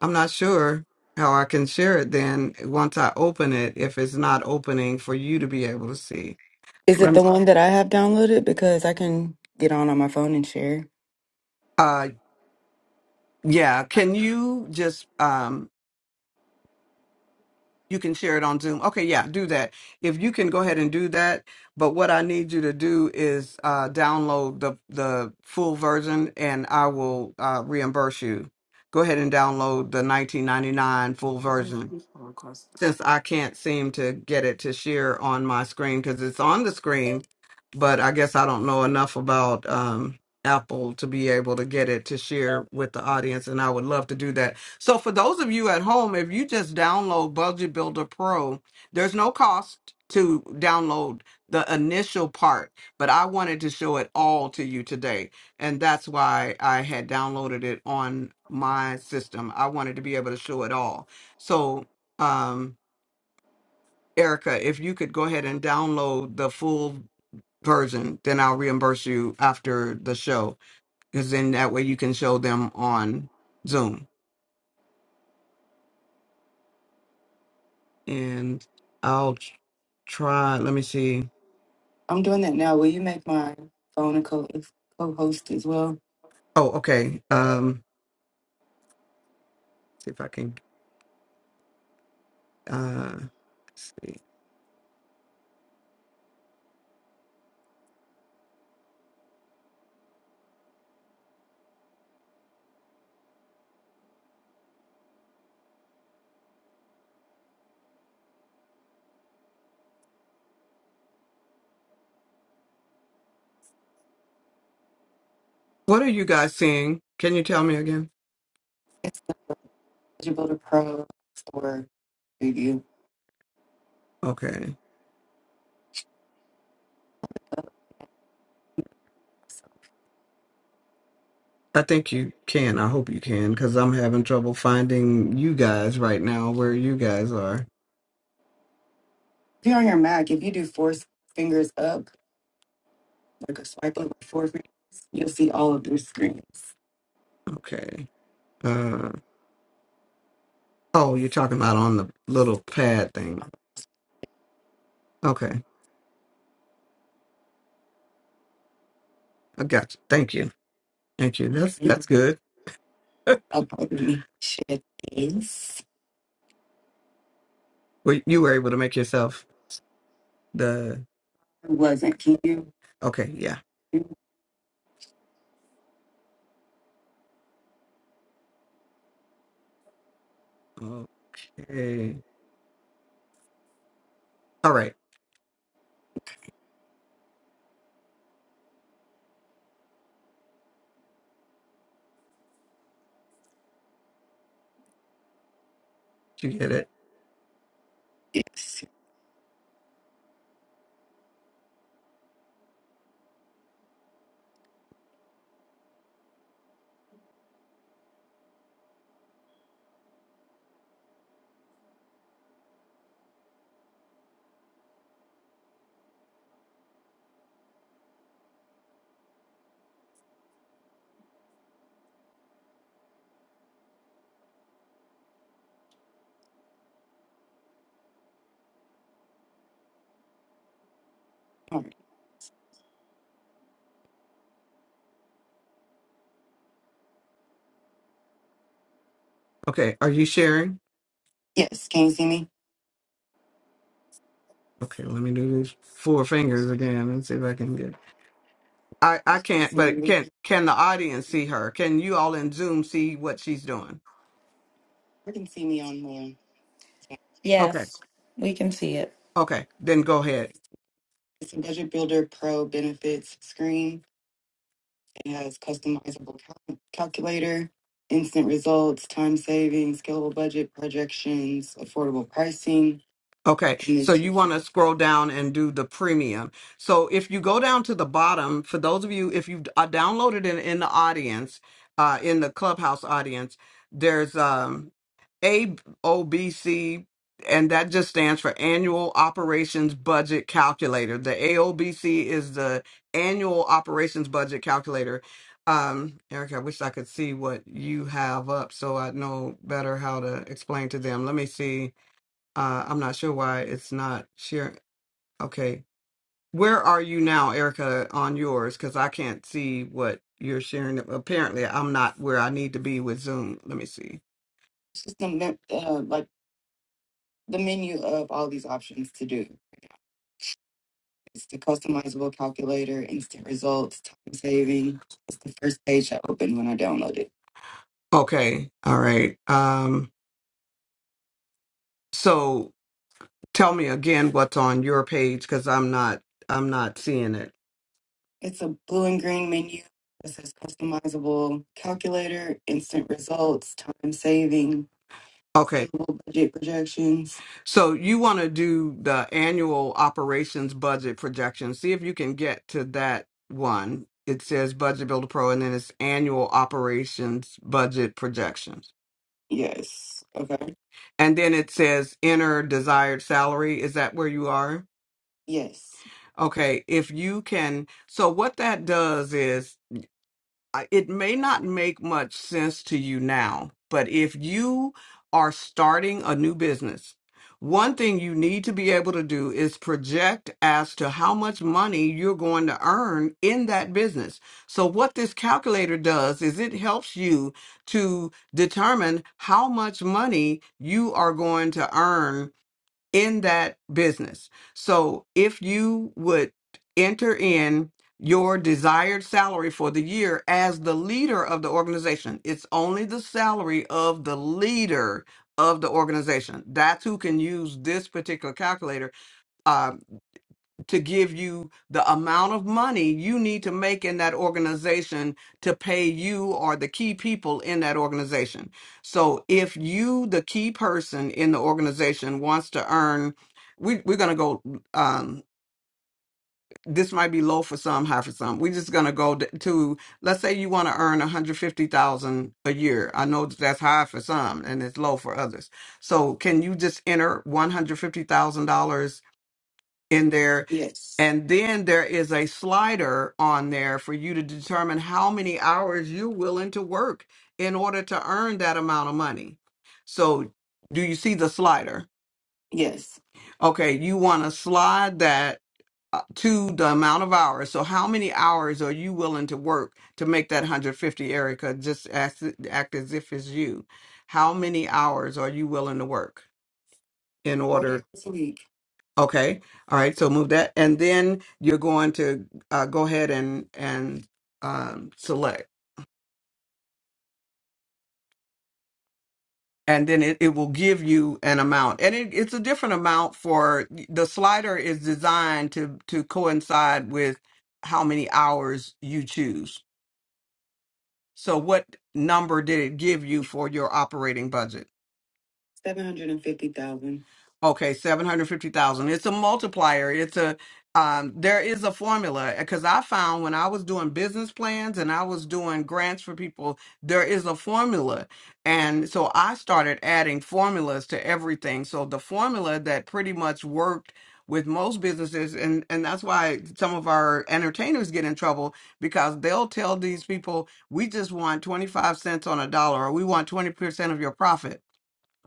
Speaker 2: I'm not sure how I can share it then once I open it if it's not opening for you to be able to see.
Speaker 3: Is it
Speaker 2: Let me,
Speaker 3: the one that I have downloaded? Because I can get on on my phone and share.
Speaker 2: uh yeah, can you just um you can share it on Zoom. Okay, yeah, do that. If you can go ahead and do that, but what I need you to do is uh download the the full version and I will uh reimburse you. Go ahead and download the 1999 full
Speaker 1: Five
Speaker 2: version
Speaker 1: people across.
Speaker 2: since I can't seem to get it to share on my screen because it's on the screen, but I guess I don't know enough about um, Apple to be able to get it to share with the audience, and I would love to do that. So, for those of you at home, if you just download Budget Builder Pro, there's no cost to download the initial part, but I wanted to show it all to you today, and that's why I had downloaded it on my system. I wanted to be able to show it all. So um, Erica, if you could go ahead and download the full version, then I'll reimburse you after the show, because then that way you can show them on Zoom. And I'll tr- try. Let me see. I'm doing that now. Will you make my phone a co co-host as well? Oh, okay. Um, see if I can. Uh, let's see. What are you guys seeing? Can you tell me again? It's eligible to pro store review. Okay. I think you can. I hope you can, because I'm having trouble finding you guys right now where you guys are. If you're on your Mac, if you do four s- fingers up, like a swipe up with four fingers, you'll see all of their screens. Okay. Uh, oh, you're talking about on the little pad thing. Okay, I got you. Thank you. Thank you. That's that's good. I'll probably share this. Well, you were able to make yourself the. I wasn't. Can you? Okay. Yeah. Okay. All right. Did you get it? Yes. Um, Okay. Are you sharing? Yes. Can you see me? Okay, let me do these four fingers again and see if I can get. I I Yes, can't, see but you. can can the audience see her? Can you all in Zoom see what she's doing? You can see me on the Okay,
Speaker 1: Yes, we can see it.
Speaker 2: okay, then go ahead. it's a Budget Builder Pro benefits screen. It has customizable cal- calculator, instant results, time saving, scalable budget projections, affordable pricing, Okay, and so it's you want to scroll down and do the premium. So if you go down to the bottom, for those of you, if you uh, downloaded it in the audience, uh, in the clubhouse audience, there's um. AOBC, and that just stands for Annual Operations Budget Calculator. The AOBC is the Annual Operations Budget Calculator. Um, Erica, I wish I could see what you have up so I'd know better how to explain to them. Let me see. Uh, I'm not sure why it's not sharing. Okay. Where are you now, Erica, on yours? Because I can't see what you're sharing. Apparently, I'm not where I need to be with Zoom. Let me see the menu of all these options to do. It's the customizable calculator, instant results, time saving. It's the first page I opened when I downloaded it. Okay. All right. Um, so tell me again what's on your page because I'm not I'm not seeing it. It's a blue and green menu that says customizable calculator, instant results, time saving. Okay. annual budget projections. So you want to do the annual operations budget projection. See if you can get to that one. It says Budget Builder Pro and then it's annual operations budget projections. Yes. Okay. And then it says enter desired salary. Is that where you are? Yes. Okay, if you can, so what that does is I- it may not make much sense to you now, but if you are starting a new business, one thing you need to be able to do is project as to how much money you're going to earn in that business. So, what this calculator does is it helps you to determine how much money you are going to earn in that business. So if you would enter in your desired salary for the year as the leader of the organization, it's only the salary of the leader of the organization. That's who can use this particular calculator. uh, to give you the amount of money you need to make in that organization to pay you or the key people in that organization. So if you, the key person in the organization, wants to earn, we, we're going to go, um, this might be low for some, high for some. We're just going to go d- to, let's say you want to earn 150000 a year. I know that's high for some and it's low for others. So can you just enter $150,000? in there Yes. and then there is a slider on there for you to determine how many hours you're willing to work in order to earn that amount of money. So, do you see the slider? Yes. Okay, you want to slide that uh, to the amount of hours. So, how many hours are you willing to work to make that 150, Erica? Just act, act as if it's you. How many hours are you willing to work in order? Okay. All right. So move that. And then you're going to uh, go ahead and, and um, select. And then it, it will give you an amount. And it, it's a different amount for the slider is designed to, to coincide with how many hours you choose. So what number did it give you for your operating budget? Seven hundred and fifty thousand. Okay, 750,000. It's a multiplier. It's a um there is a formula because I found when I was doing business plans and I was doing grants for people, there is a formula. And so I started adding formulas to everything. So the formula that pretty much worked with most businesses and and that's why some of our entertainers get in trouble because they'll tell these people we just want 25 cents on a dollar or we want 20% of your profit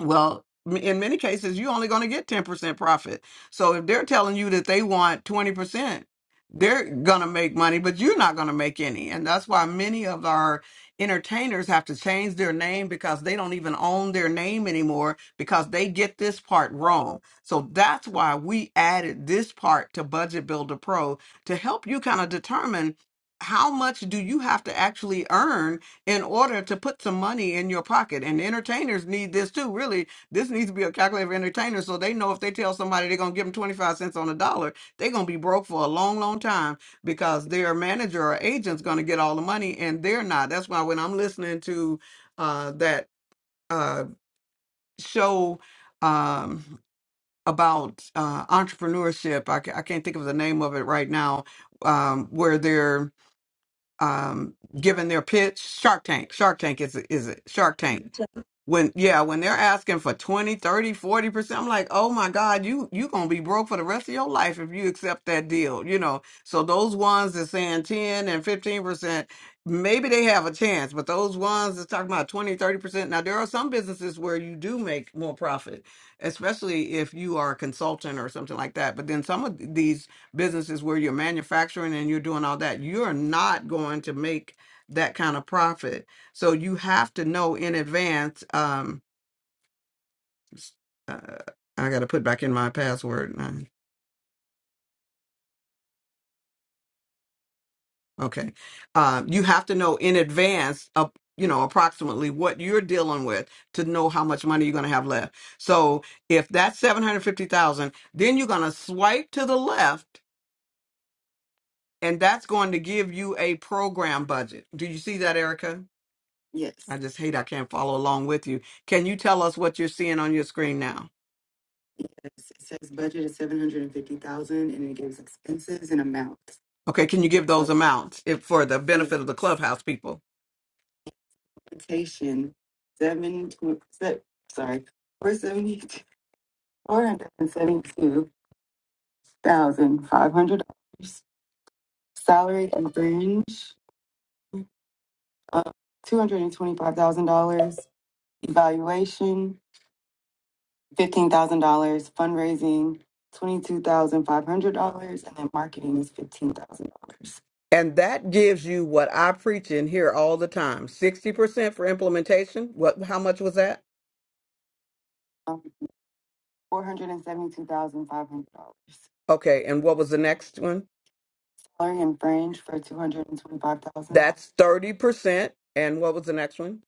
Speaker 2: well, m- in many cases, you're only going to get 10% profit. So if they're telling you that they want 20%, they're going to make money, but you're not going to make any. And that's why many of our entertainers have to change their name because they don't even own their name anymore because they get this part wrong. So that's why we added this part to Budget Builder Pro to help you kind of determine how much do you have to actually earn in order to put some money in your pocket. And entertainers need this too. Really, this needs to be a calculator for entertainers so they know if they tell somebody they're gonna give them 25 cents on a dollar, they're gonna be broke for a long, long time because their manager or agent's gonna get all the money and they're not. That's why when I'm listening to uh that uh show um about uh entrepreneurship, I, ca- I can't think of the name of it right now, um, where they're um, giving their pitch. Shark Tank. Shark Tank is a, is a Shark Tank when yeah when they're asking for 20, 30, 40 percent i'm like oh my god you you gonna be broke for the rest of your life if you accept that deal you know so those ones that's saying 10 and 15 percent maybe they have a chance but those ones that's talking about 20, 30 percent now there are some businesses where you do make more profit especially if you are a consultant or something like that but then some of these businesses where you're manufacturing and you're doing all that you're not going to make that kind of profit so you have to know in advance. Um, s- uh, I got to put back in my password. Uh, Okay, um, you have to know in advance. Uh, you know approximately what you're dealing with to know how much money you're going to have left. So if that's seven hundred fifty thousand, then you're going to swipe to the left, and that's going to give you a program budget. Do you see that, Erica? Yes. I just hate I can't follow along with you. Can you tell us what you're seeing on your screen now? It says budget is seven hundred and fifty thousand and it gives expenses and amounts. Okay, can you give So those So amounts if, for the benefit of the clubhouse people? transportation, seven, tw- se- sorry, four seventy, four hundred and seventy-two thousand five hundred dollars. Salary and fringe, uh, two hundred and twenty-five thousand dollars. Evaluation, fifteen thousand dollars, fundraising twenty two thousand five hundred dollars, and then marketing is fifteen thousand dollars. And that gives you what I preach in here all the time. 60% for implementation. What how much was that? Um, Four hundred and seventy two thousand five hundred dollars. Okay, and what was the next one? Salary and fringe for two hundred and twenty five thousand dollars. That's 30%. And what was the next one?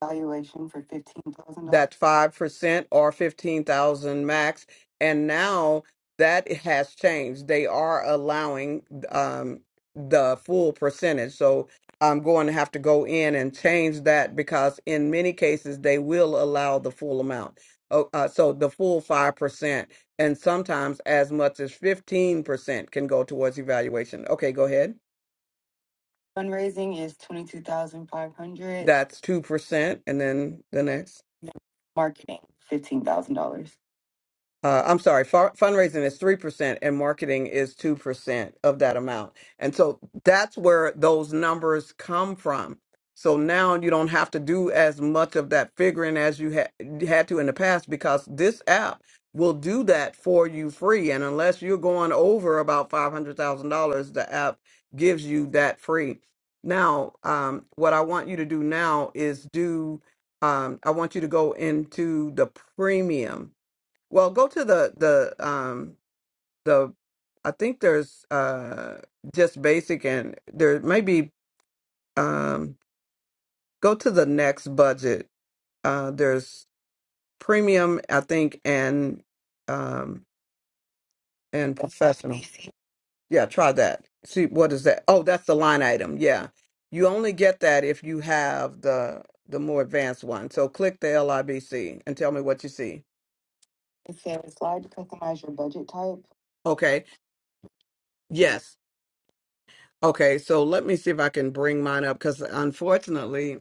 Speaker 2: Valuation for $15,000. that 5% or 15,000 max and now that it has changed they are allowing um the full percentage so i'm going to have to go in and change that because in many cases they will allow the full amount oh, uh, so the full 5% and sometimes as much as 15% can go towards evaluation okay go ahead Fundraising is 22,500. That's 2%. And then the next. Marketing, $15,000 uh, I'm sorry, far, fundraising is 3% and marketing is 2% of that amount. And so that's where those numbers come from. So now you don't have to do as much of that figuring as you ha- had to in the past because this app will do that for you free. And unless you're going over about $500,000, the app gives you that free. Now, um, what I want you to do now is do, um, I want you to go into the premium well, go to the the um the I think there's uh just basic and there may be um go to the next budget. Uh there's premium, I think, and um and professional. Yeah, try that. See what is that? Oh, that's the line item. Yeah. You only get that if you have the the more advanced one. So click the LIBC and tell me what you see. It says slide to customize your budget type. Okay. Yes. Okay, so let me see if I can bring mine up because unfortunately,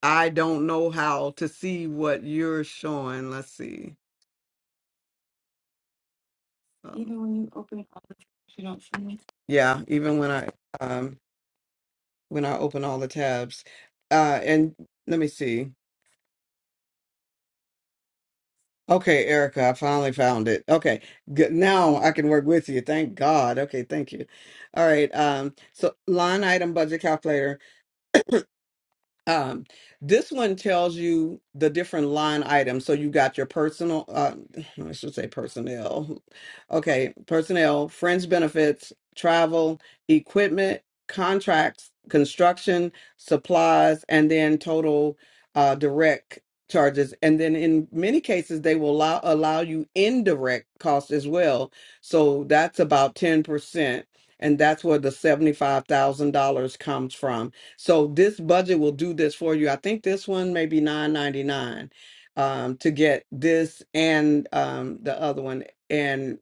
Speaker 2: I don't know how to see what you're showing. Let's see. Um, Even when you open all the tabs, you don't see me. yeah, even when I um when I open all the tabs. Uh and let me see. Okay, Erica, I finally found it. Okay. Good. Now I can work with you. Thank God. Okay, thank you. All right. Um so line item budget calculator. Um, this one tells you the different line items. So you got your personal, uh, I should say personnel. Okay, personnel, fringe benefits, travel, equipment, contracts, construction, supplies, and then total uh, direct charges. And then in many cases, they will allow, allow you indirect costs as well. So that's about 10%. And that's where the $75,000 comes from so this budget will do this for you. I think this one may be nine ninety nine um, to get this and um, the other one. And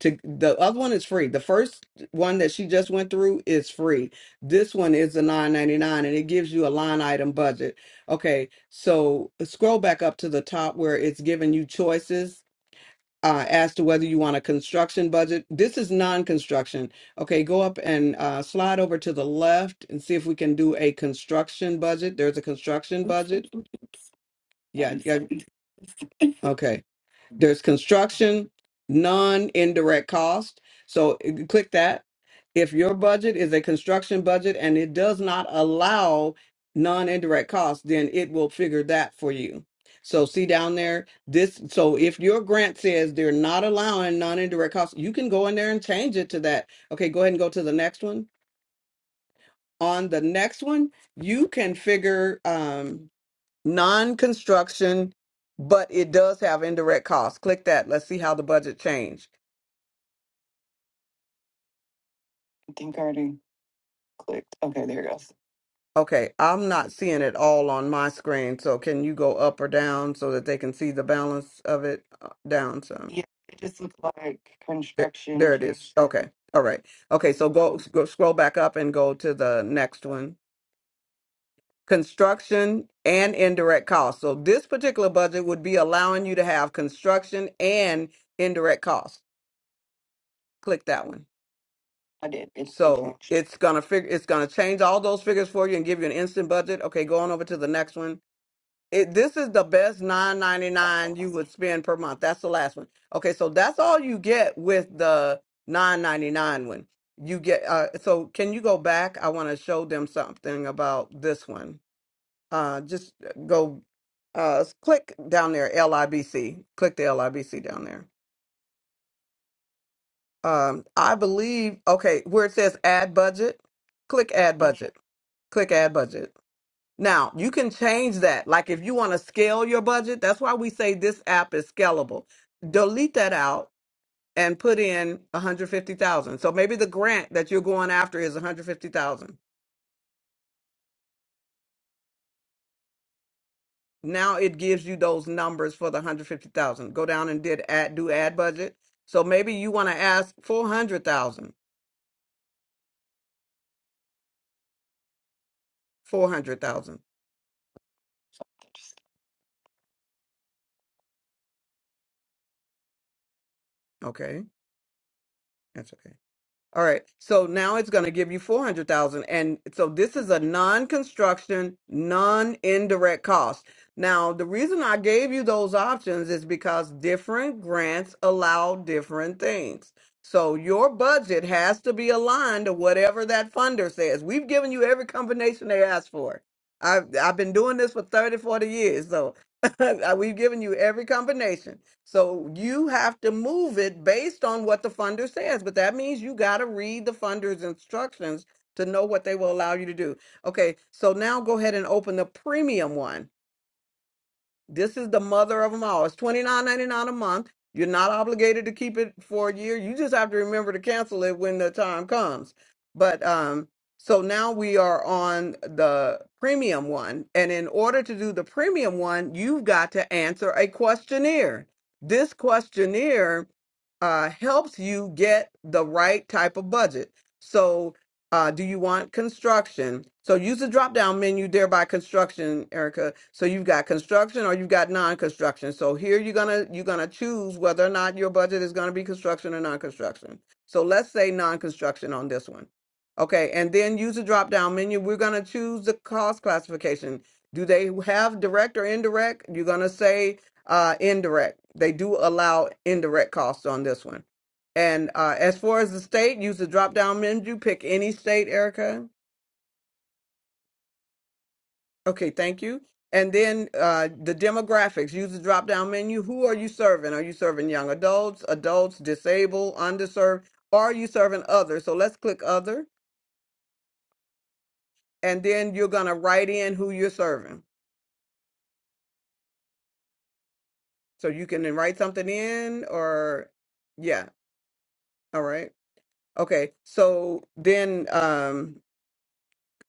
Speaker 2: to the other one is free. The first one that she just went through is free. This one is the nine ninety nine, and it gives you a line item budget. Okay, so scroll back up to the top where it's giving you choices uh, as to whether you want a construction budget. This is non-construction. Okay, go up and uh, slide over to the left and see if we can do a construction budget. There's a construction budget. Yeah, yeah. Okay. There's construction, non-indirect cost. So eh, click that. If your budget is a construction budget and it does not allow non-indirect costs, then it will figure that for you. So see down there, this, so if your grant says they're not allowing non-indirect costs, you can go in there and change it to that. Okay, go ahead and go to the next one. On the next one, you can figure, um, non-construction, but it does have indirect costs. Click that. Let's see how the budget changed. I think I already clicked. Okay, there it goes. Okay, I'm not seeing it all on my screen, so can you go up or down so that they can see the balance of it uh, down some? Yeah, it just looks like There, construction there it is. case. Okay. All right. Okay, so go, go scroll back up and go to the next one. construction and indirect costs. So this particular budget would be allowing you to have construction and indirect costs. Click that one. I did. It's okay. So it's gonna figure it's gonna change all those figures for you and give you an instant budget. Okay, going over to the next one. It, this is the best nine ninety nine you would spend per month. That's the last one. Okay, so that's all you get with the nine ninety nine one. You get uh so can you go back? I wanna show them something about this one. Uh, just uh, go uh, click down there, LIBC. Click the LIBC down there. Um, I believe, okay, where it says add budget, click add budget. Click add budget. Now, you can change that. Like if you want to scale your budget, that's why we say this app is scalable. Delete that out and put in 150,000. So maybe the grant that you're going after is 150,000 now it gives you those numbers for the 150,000. Go down and did ad do ad budget. So maybe you want to ask 400,000. 400,000. Okay. That's okay. All right. So now it's going to give you 400,000 and so this is a non-construction, non-indirect cost. Now, the reason I gave you those options is because different grants allow different things. So your budget has to be aligned to whatever that funder says. We've given you every combination they asked for. I've I've been doing this for 30, 40 years, so we've given you every combination. So you have to move it based on what the funder says, but that means you got to read the funder's instructions to know what they will allow you to do. Okay, so now go ahead and open the premium one. This is the mother of them all. It's twenty nine ninety nine a month. You're not obligated to keep it for a year. You just have to remember to cancel it when the time comes. But um, so now we are on the premium one, and in order to do the premium one, you've got to answer a questionnaire. This questionnaire uh, helps you get the right type of budget. So uh, do you want construction? So use the drop down menu there by construction, Erica. So you've got construction or you've got non-construction. So here you're gonna you're gonna choose whether or not your budget is gonna be construction or non-construction. So let's say non-construction on this one. Okay, and then use the drop down menu. We're gonna choose the cost classification. Do they have direct or indirect? You're gonna say uh, indirect. They do allow indirect costs on this one. And uh, as far as the state, use the drop down menu, pick any state, Erica. Okay, thank you. And then uh, the demographics, use the drop down menu. Who are you serving? Are you serving young adults, adults, disabled, underserved? Or are you serving others? So let's click other. And then you're going to write in who you're serving. So you can then write something in or, yeah, all right. Okay, so then. Um,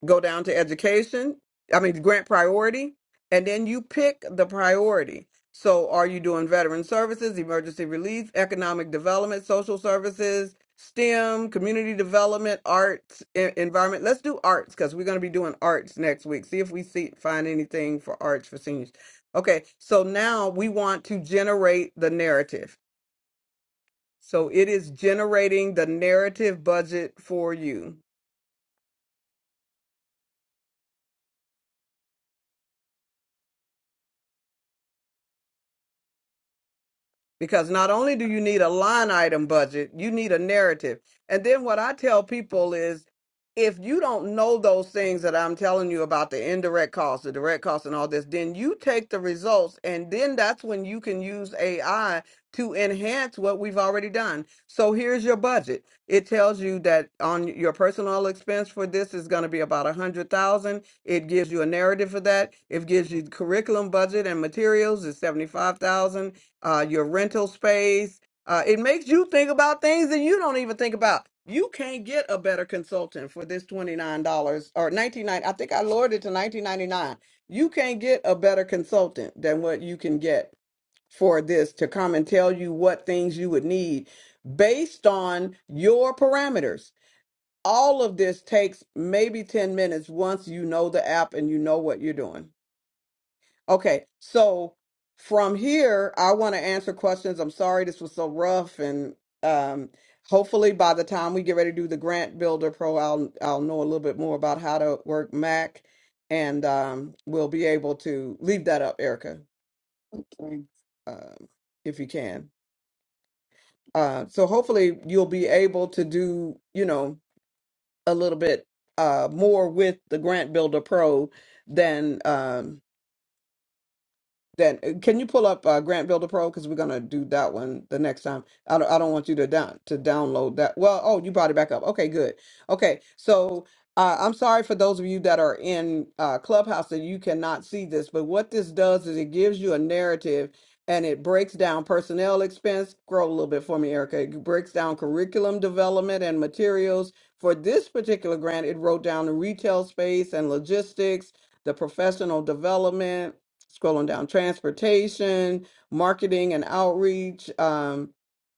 Speaker 2: go down to education, I mean, grant priority, and then you pick the priority. So, are you doing veteran services, emergency relief, economic development, social services, STEM, community development, arts, e- environment? Let's do arts because we're going to be doing arts next week. See if we see find anything for arts for seniors. Okay, so now we want to generate the narrative. So it is generating the narrative budget for you. because not only do you need a line item budget, you need a narrative. And then what I tell people is if you don't know those things that I'm telling you about the indirect costs, the direct costs, and all this, then you take the results, and then that's when you can use AI to enhance what we've already done. So here's your budget. It tells you that on your personal expense for this is going to be about a hundred thousand. It gives you a narrative for that. It gives you curriculum budget and materials is seventy five thousand uh, your rental space. Uh, it makes you think about things that you don't even think about. You can't get a better consultant for this twenty nine dollars or nineteen ninety. I think I lowered it to nineteen ninety nine. You can't get a better consultant than what you can get for this to come and tell you what things you would need based on your parameters. All of this takes maybe ten minutes once you know the app and you know what you're doing. Okay, so from here, I want to answer questions. I'm sorry this was so rough, and um, hopefully by the time we get ready to do the Grant Builder Pro, I'll I'll know a little bit more about how to work Mac, and um, we'll be able to leave that up, Erica, Okay. um, if you can. Uh, so hopefully you'll be able to do you know a little bit uh, more with the Grant Builder Pro than um, Then uh, can you pull up uh, Grant Builder Pro because we're gonna do that one the next time. I don't I don't want you to down to download that. Well, oh, you brought it back up. Okay, good. Okay, so uh, I'm sorry for those of you that are in uh, Clubhouse that you cannot see this, but what this does is it gives you a narrative and it breaks down personnel expense. Scroll a little bit for me, Erica. It breaks down curriculum development and materials. For this particular grant, it wrote down the retail space and logistics, the professional development scrolling down, transportation, marketing and outreach, um,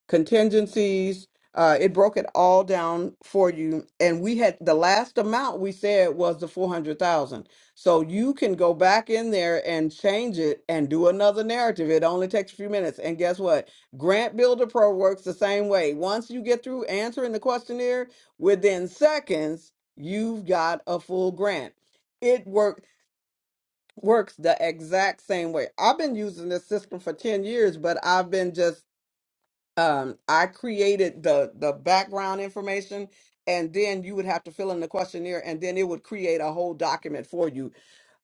Speaker 2: contingencies. Uh, it broke it all down for you. And we had the last amount we said was the 400,000. So you can go back in there and change it and do another narrative. It only takes a few minutes. And guess what? Grant Builder Pro works the same way. Once you get through answering the questionnaire, within seconds, you've got a full grant. It worked works the exact same way. I've been using this system for 10 years, but I've been just um I created the the background information and then you would have to fill in the questionnaire and then it would create a whole document for you.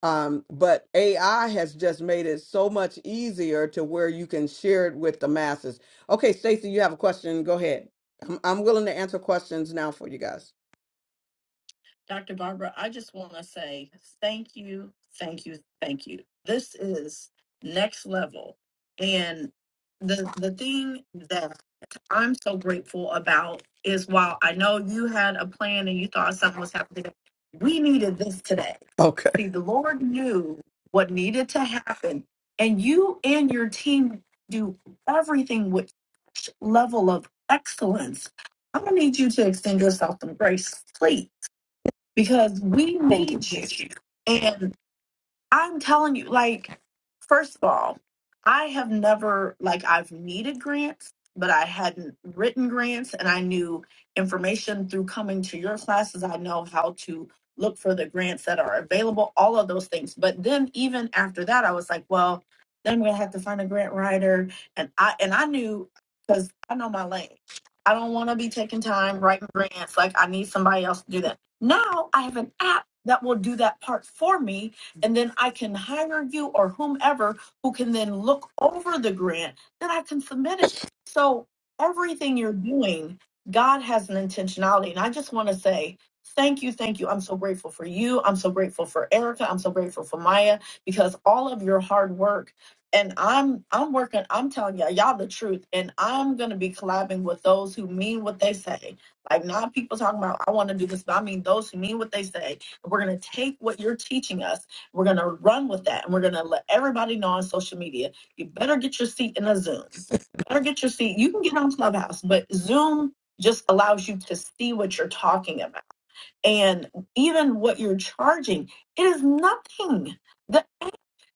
Speaker 2: Um but AI has just made it so much easier to where you can share it with the masses. Okay, Stacy, you have a question. Go ahead. I'm, I'm willing to answer questions now for you guys. Dr. Barbara, I just want to say thank you, thank you, thank you. This is next level. And the the thing that I'm so grateful about is while I know you had a plan and you thought something was happening, we needed this today. Okay. See, the Lord knew what needed to happen, and you and your team do everything with such level of excellence. I'm gonna need you to extend yourself some grace, please because we made you. And I'm telling you, like, first of all, I have never, like, I've needed grants, but I hadn't written grants. And I knew information through coming to your classes. I know how to look for the grants that are available, all of those things. But then, even after that, I was like, well, then I'm going to have to find a grant writer. And I, and I knew because I know my lane. I don't want to be taking time writing grants. Like, I need somebody else to do that. Now I have an app that will do that part for me and then I can hire you or whomever who can then look over the grant, then I can submit it. So everything you're doing, God has an intentionality. And I just want to say, thank you, thank you. I'm so grateful for you. I'm so grateful for Erica. I'm so grateful for Maya because all of your hard work and I'm I'm working, I'm telling y'all, y'all the truth. And I'm gonna be collabing with those who mean what they say. Like not people talking about I want to do this, but I mean those who mean what they say. We're gonna take what you're teaching us we're going to run with that and we're going to let everybody know on social media. You better get your seat in a Zoom. Better get your seat. You can get on Clubhouse, but Zoom just allows you to see what you're talking about. And even what you're charging, it is nothing. The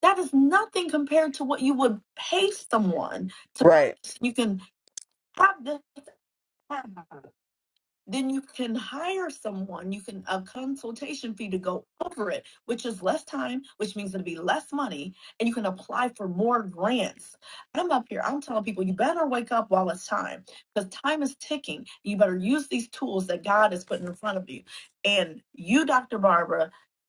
Speaker 2: that is nothing compared to what you would pay someone to Right. you can have this app then you can hire someone you can a consultation fee to go over it which is less time which means it'll be less money and you can apply for more grants i'm up here i'm telling people you better wake up while it's time because time is ticking you better use these tools that god is putting in front of you and you dr barbara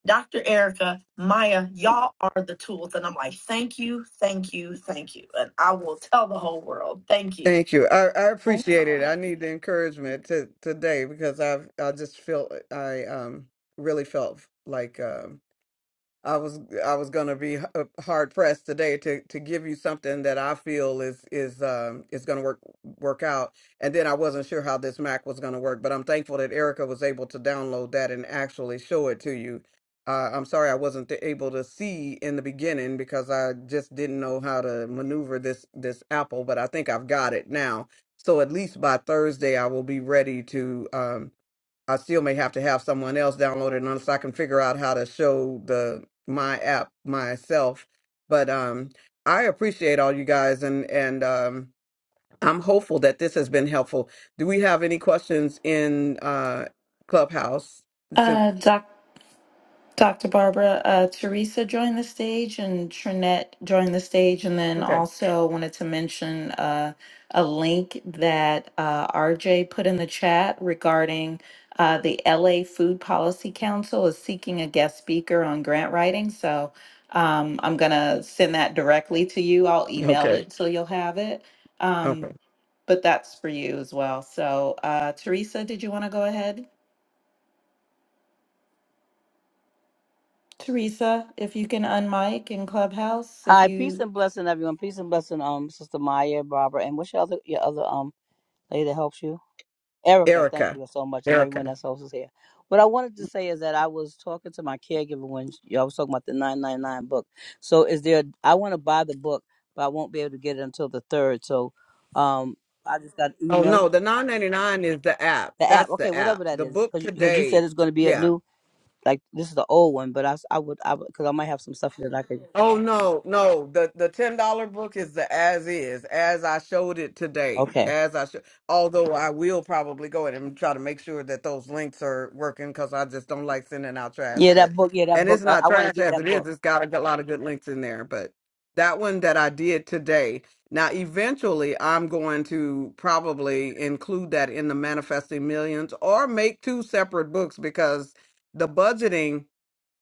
Speaker 2: Dr. Erica, Maya, y'all are the tools. And I'm like, thank you, thank you, thank you. And I will tell the whole world, thank you. Thank you. I, I appreciate it. I need the encouragement to, today because I've I just feel I um really felt like um I was I was gonna be h- uh, hard pressed today to to give you something that I feel is is um is gonna work work out, and then I wasn't sure how this Mac was gonna work, but I'm thankful that Erica was able to download that and actually show it to you. Uh, I'm sorry I wasn't able to see in the beginning because I just didn't know how to maneuver this this Apple, but I think I've got it now. So at least by Thursday I will be ready to. um I still may have to have someone else download it unless I can figure out how to show the my app myself. But um, I appreciate all you guys, and and um, I'm hopeful that this has been helpful. Do we have any questions in uh, Clubhouse? To-
Speaker 1: Uh, Dr. Barbara, uh, Teresa joined the stage and Trinette joined the stage, and then
Speaker 2: okay,
Speaker 1: also wanted to mention uh, a link that uh, RJ put in the chat regarding uh, the LA Food Policy Council is seeking a guest speaker on grant writing. So um, I'm going to send that directly to you. I'll email
Speaker 2: okay,
Speaker 1: it so you'll have it. Um,
Speaker 2: okay.
Speaker 1: but that's for you as well. So, uh, Teresa, did you want to go ahead? Teresa, if you can unmic in Clubhouse, if
Speaker 4: Hi, peace
Speaker 1: you.
Speaker 4: and blessing, everyone. Peace and blessing, um, Sister Maya, Barbara, and what's your other your other um lady that helps you? Erica, thank
Speaker 2: Erica,
Speaker 4: you so much, and everyone
Speaker 2: Erica.
Speaker 4: that's helps us here. What I wanted to say is that I was talking to my caregiver when y'all was talking about the nine nine nine book. So is there? I want to buy the book, but I won't be able to get it until the third. So, um, I just got an
Speaker 2: Oh
Speaker 4: email
Speaker 2: no, the 9.99 is the app.
Speaker 4: the app.
Speaker 2: That's
Speaker 4: Okay,
Speaker 2: the app.
Speaker 4: whatever that
Speaker 2: The
Speaker 4: is,
Speaker 2: book
Speaker 4: because you, 'cause you
Speaker 2: today.
Speaker 4: said it's going to be a
Speaker 2: Yeah.
Speaker 4: new like this is the old one, but I s- I would I because I might have some stuff that I could.
Speaker 2: Oh no, no. The the ten dollar book is the as is, as I showed it today.
Speaker 4: Okay,
Speaker 2: As I show, although I will probably go in and try to make sure that those links are working because I just don't like sending out trash.
Speaker 4: yeah,
Speaker 2: But
Speaker 4: that book, yeah, that
Speaker 2: and
Speaker 4: book.
Speaker 2: it's
Speaker 4: I,
Speaker 2: not
Speaker 4: I want to
Speaker 2: trash
Speaker 4: get
Speaker 2: as
Speaker 4: that
Speaker 2: it
Speaker 4: book.
Speaker 2: is. It's got a good- lot of good links in there. But that one that I did today. Now eventually I'm going to probably include that in the manifesting millions or make two separate books because the budgeting,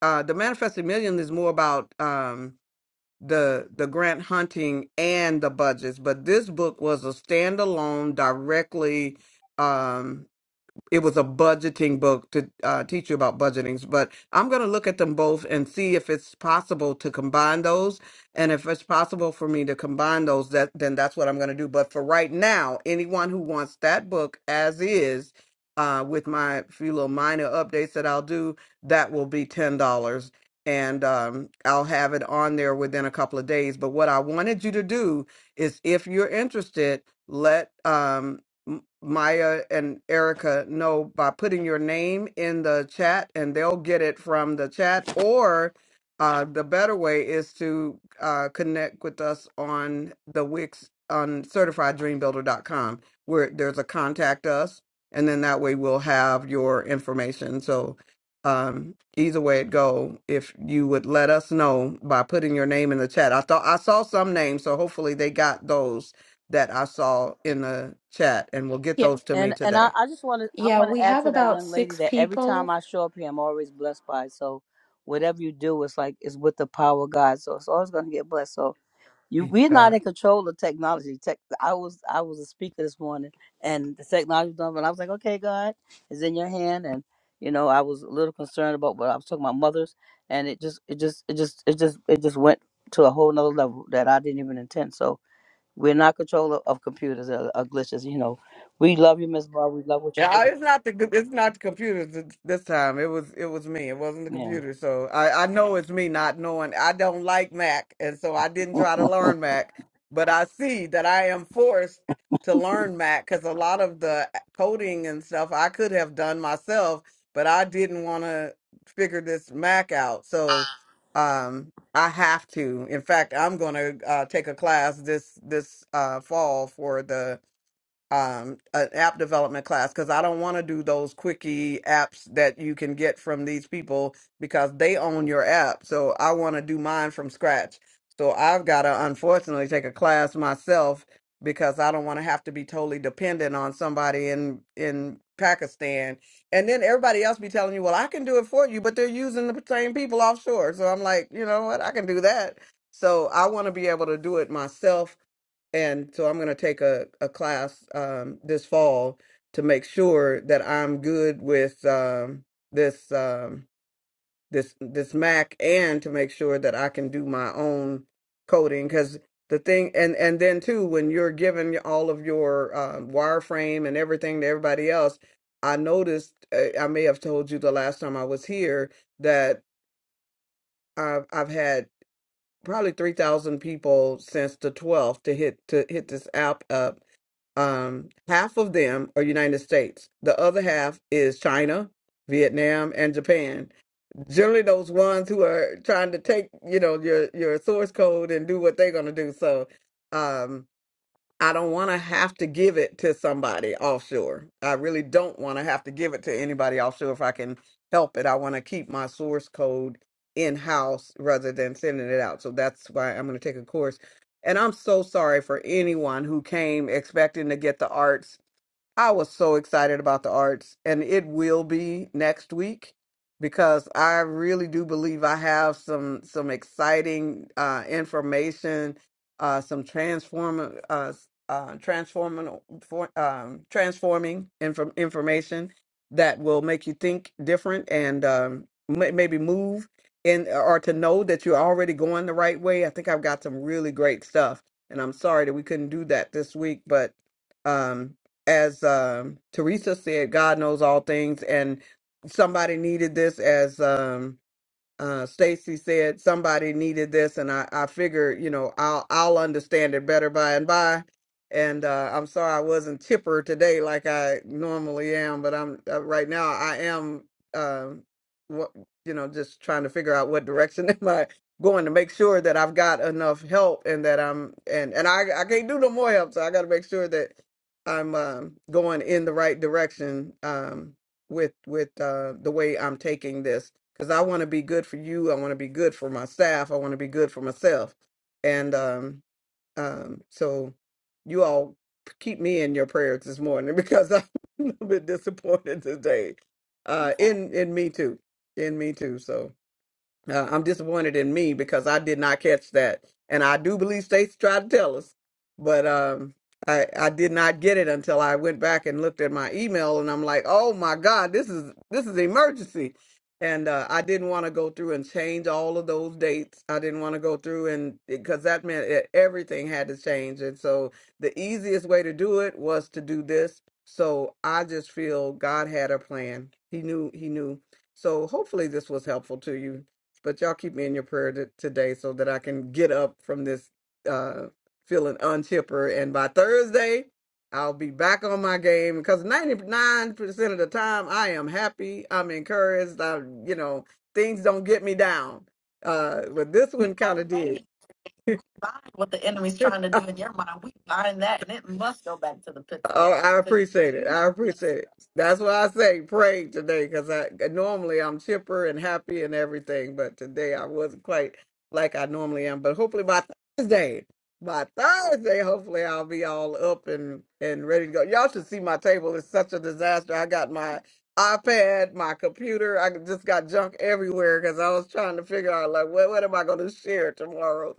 Speaker 2: uh, the manifesting million is more about um the the grant hunting and the budgets but this book was a standalone directly um it was a budgeting book to uh, teach you about budgeting. But I'm going to look at them both and see if it's possible to combine those. And if it's possible for me to combine those, that then that's what I'm going to do. But for right now, anyone who wants that book as is, uh, with my few little minor updates that I'll do, that will be ten dollars. And um, I'll have it on there within a couple of days. But what I wanted you to do is, if you're interested, let um. M- Maya and Erica know by putting your name in the chat, and they'll get it from the chat. Or uh, the better way is to uh, connect with us on the Wix on certifieddreambuilder.com, where there's a contact us, and then that way we'll have your information. So um, either way it go, if you would let us know by putting your name in the chat, I thought I saw some names, so hopefully they got those that I saw in the chat, and will get
Speaker 1: Yeah,
Speaker 2: those to me
Speaker 4: And and I,
Speaker 2: today.
Speaker 4: I just want to I
Speaker 1: Yeah,
Speaker 4: want to
Speaker 1: we
Speaker 4: add
Speaker 1: have
Speaker 4: to that
Speaker 1: about
Speaker 4: young lady
Speaker 1: six
Speaker 4: that every time
Speaker 1: people.
Speaker 4: I show up here, I'm always blessed by it. So whatever you do, it's like it's with the power of God. So it's always going to get blessed. So you
Speaker 2: Thank
Speaker 4: we're not
Speaker 2: God.
Speaker 4: in control of technology. Tech. I was I was a speaker this morning, and the technology was done. But I was like, okay, God, it's in your hand. And you know, I was a little concerned about what I was talking about mothers, and it just it just it just it just it just went to a whole nother level that I didn't even intend. So we're not controller of computers or, or glitches. You know, we love you, Miss Barbara. We love what you
Speaker 2: Yeah,
Speaker 4: do.
Speaker 2: it's not the co- it's not the computer th- this time. It was it was me. It wasn't the computer.
Speaker 4: Yeah,
Speaker 2: So I I know it's me not knowing. I don't like Mac, and so I didn't try to learn Mac. But I see that I am forced to learn Mac because a lot of the uh, coding and stuff I could have done myself, but I didn't want to figure this Mac out. So um I have to. In fact, I'm going to uh, take a class this this uh, fall for the um an app development class because I don't want to do those quickie apps that you can get from these people because they own your app. So I want to do mine from scratch. So I've got to unfortunately take a class myself because I don't want to have to be totally dependent on somebody in in Pakistan. And then everybody else be telling you, "Well, I can do it for you," but they're using the same people offshore. So I'm like, "You know what? I can do that." So I want to be able to do it myself and so I'm going to take a, a class um, this fall to make sure that I'm good with um, this um, this this Mac and to make sure that I can do my own coding because the thing and and then too when you're giving your- all of your um, wireframe and everything to everybody else, I noticed uh, I may have told you the last time I was here that I've, I've had probably 3,000 people since the 12th to hit to hit this app up um, half of them are United States. The other half is China, Vietnam, and Japan. Generally, those ones who are trying to take, you know, your your source code and do what they're gonna do. So, um, I don't want to have to give it to somebody offshore. I really don't want to have to give it to anybody offshore if I can help it. I want to keep my source code in house rather than sending it out. So that's why I'm going to take a course. And I'm so sorry for anyone who came expecting to get the arts I was so excited about the arts, and it will be next week because I really do believe I have some some exciting uh, information, uh, some transform uh, uh, transforming for, um, transforming inform information that will make you think different and um, may maybe move in or to know that you're already going the right way. I think I've got some really great stuff, and I'm sorry that we couldn't do that this week, but. Um, as um, Teresa said, God knows all things, and somebody needed this as um, uh Stacy said somebody needed this and I I figured, you know, I'll I'll understand it better by and by. And uh I'm sorry I wasn't chipper today like I normally am, but I'm uh, right now I am um what you know, just trying to figure out what direction am I going to make sure that I've got enough help and that I'm and and I I can't do no more help, so I got to make sure that I'm um going in the right direction um with with uh the way I'm taking this because I want to be good for you. I want to be good for my staff. I want to be good for myself. And um, um, so you all keep me in your prayers this morning because I'm a little bit disappointed today. Uh, in in me too. In me too. So. Uh, I'm disappointed in me because I did not catch that, and I do believe states tried to tell us, but um, I I did not get it until I went back and looked at my email, and I'm like, oh my god, this is this is emergency, and uh, I didn't want to go through and change all of those dates. I didn't want to go through and because that meant that everything had to change, and so the easiest way to do it was to do this. So I just feel God had a plan. He knew. He knew. So hopefully this was helpful to you. But y'all keep me in your prayer t- today so that I can get up from this uh, feeling unchipper. And by Thursday, I'll be back on my game because 99% of the time I am happy. I'm encouraged. I, you know, things don't get me down. Uh, but this one kind of did bind what the enemy's trying to do in your mind. We bind that, and it must go back to the pit. Oh, I pit. appreciate it. I appreciate it. That's why I say pray today because I uh, normally I'm chipper and happy and everything, but today I wasn't quite like I normally am. But hopefully by Thursday, by Thursday, hopefully I'll be all up and and ready to go. Y'all should see my table. It's such a disaster. I got my iPad, my computer. I just got junk everywhere because I was trying to figure out like what what am I going to share tomorrow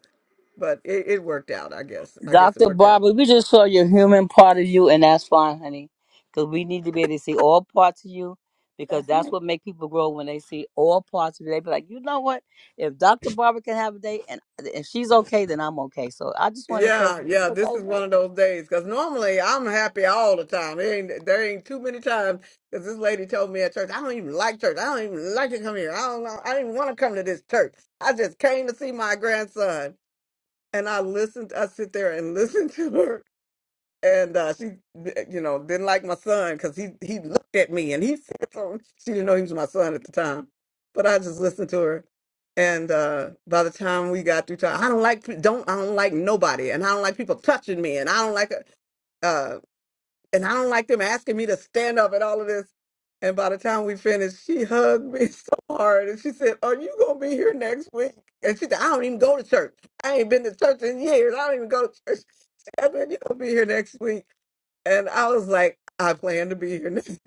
Speaker 2: but it, it worked out. I guess. I guess it
Speaker 4: Doctor
Speaker 2: worked out.
Speaker 4: Barbara, we just saw your human part of you, and that's fine, honey, because we need to be able to see all parts of you, because
Speaker 2: That's
Speaker 4: that's
Speaker 2: right.
Speaker 4: what make people grow when they see all parts of you. They be like, you know what? If Doctor Barbara can have a day, and if she's okay, then I'm okay. So I just want to encourage
Speaker 2: Yeah,
Speaker 4: you. It's
Speaker 2: yeah. This
Speaker 4: okay,
Speaker 2: is one
Speaker 4: baby.
Speaker 2: of those days because normally I'm happy all the time. It ain't there ain't too many times because this lady told me at church I don't even like church. I don't even like to come here. I don't know. I didn't want to come to this church. I just came to see my grandson, and I listened. I sit there and listen to her and uh, she, you know, didn't like my son because he he looked at me and he said something. She didn't know he was my son at the time, but I just listened to her. And uh, by the time we got through time, I don't like pe- don't I don't like nobody, and I don't like people touching me, and I don't like uh, and I don't like them asking me to stand up and all of this. And by the time we finished, she hugged me so hard and she said, Are you going to be here next week? And she said, I don't even go to church. I ain't been to church in years. I don't even go to church. She said, you going to be here next week. And I was like, I plan to be here next.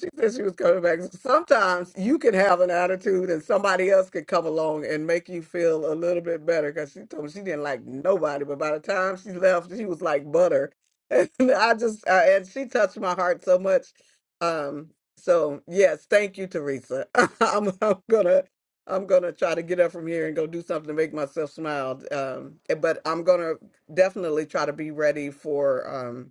Speaker 2: She said she was coming back. Sometimes you can have an attitude and somebody else could come along and make you feel a little bit better because she told me she didn't like nobody. But by the time she left, she was like butter. And I just, uh, and she touched my heart so much. Um, so yes, thank you, Teresa. I'm, I'm gonna, I'm gonna try to get up from here and go do something to make myself smile. Um, eh, but I'm gonna definitely try to be ready for. Um,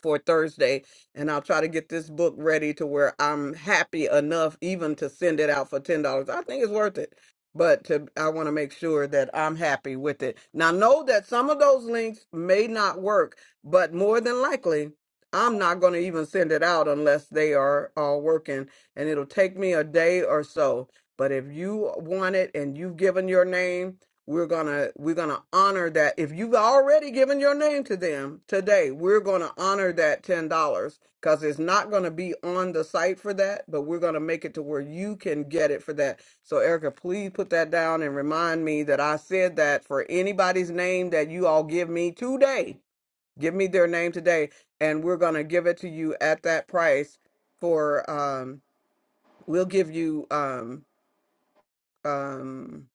Speaker 2: for Thursday, and I'll try to get this book ready to where I'm happy enough even to send it out for ten dollars. I think it's worth it, but to, I want to make sure that I'm happy with it. Now, know that some of those links may not work, but more than likely, I'm not going to even send it out unless they are all working, and it'll take me a day or so. But if you want it and you've given your name we're gonna we're gonna honor that if you've already given your name to them today we're gonna honor that ten dollars because it's not gonna be on the site for that but we're gonna make it to where you can get it for that so erica please put that down and remind me that i said that for anybody's name that you all give me today give me their name today and we're gonna give it to you at that price for um we'll give you um um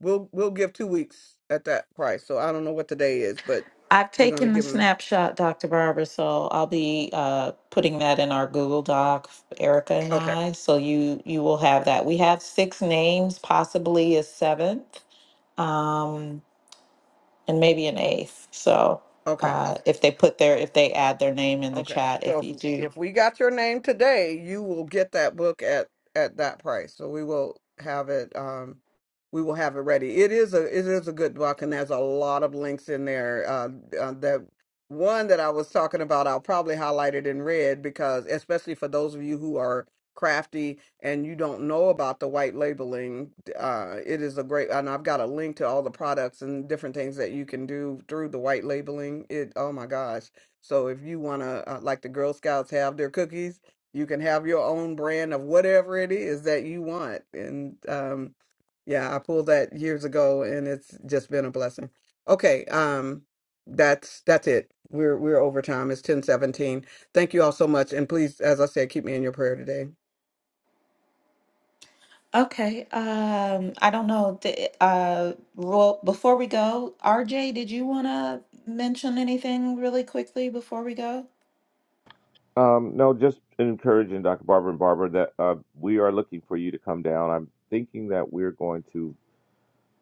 Speaker 2: We'll we'll give two weeks at that price. So I don't know what today is, but
Speaker 1: I've
Speaker 2: we're gonna
Speaker 1: taken the
Speaker 2: give them.
Speaker 1: snapshot, Dr. Barber, so I'll be uh, putting that in our Google Doc, Erica and
Speaker 2: Okay,
Speaker 1: I. So you you will have that. We have six names, possibly a seventh, um, and maybe an eighth. So
Speaker 2: okay.
Speaker 1: uh, if they put their if they add their name in the
Speaker 2: Okay.
Speaker 1: chat,
Speaker 2: So
Speaker 1: if
Speaker 2: if
Speaker 1: you do.
Speaker 2: if we got your name today, you will get that book at at that price. So we will have it um we will have it ready. It is a it is a good book and there's a lot of links in there. Uh, uh that one that I was talking about, I'll probably highlight it in red because especially for those of you who are crafty and you don't know about the white labeling, uh it is a great and I've got a link to all the products and different things that you can do through the white labeling. It oh my gosh so if you want to, uh, like the Girl Scouts have their cookies, you can have your own brand of whatever it is that you want. And um, yeah, I pulled that years ago, and it's just been a blessing. Okay, um, that's that's it. We're we're over time. It's ten seventeen. Thank you all so much. And please, as I said, keep me in your prayer today.
Speaker 1: Okay. Um, I don't know. Th- Uh, well, before we go, RJ, did you want to mention anything really quickly before we go?
Speaker 5: Um, no, just encouraging Dr. Barber and Barbara that uh, we are looking for you to come down. I'm thinking that we're going to,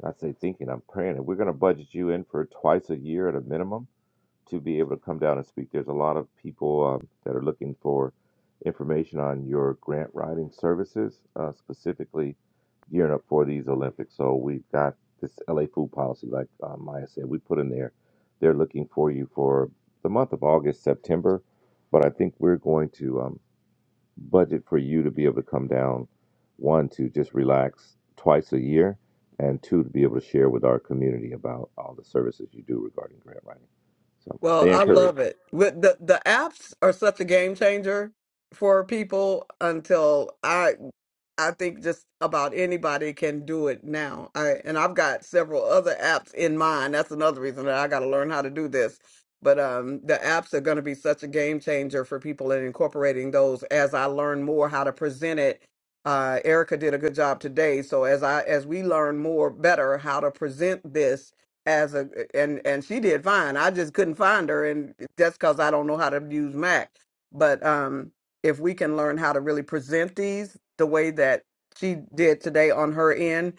Speaker 5: not say thinking, I'm praying that we're going to budget you in for twice a year at a minimum to be able to come down and speak. There's a lot of people um, that are looking for information on your grant writing services, uh, specifically gearing up for these Olympics. So we've got this LA food policy, like uh, Maya said, we put in there. They're looking for you for the month of August, September, but I think we're going to. um, budget for you to be able to come down, one, to just relax twice a year, and two, to be able to share with our community about all the services you do regarding grant writing. So
Speaker 2: Well,
Speaker 5: stay
Speaker 2: I
Speaker 5: encouraged.
Speaker 2: love it. With the the apps are such a game changer for people until I I think just about anybody can do it now. I and I've got several other apps in mind. That's another reason that I got to learn how to do this. But um, the apps are going to be such a game changer for people in incorporating those as I learn more how to present it. Uh, Erica did a good job today. So as I as we learn more better how to present this as a and and she did fine. I just couldn't find her, and that's because I don't know how to use Mac. But um, if we can learn how to really present these the way that she did today on her end,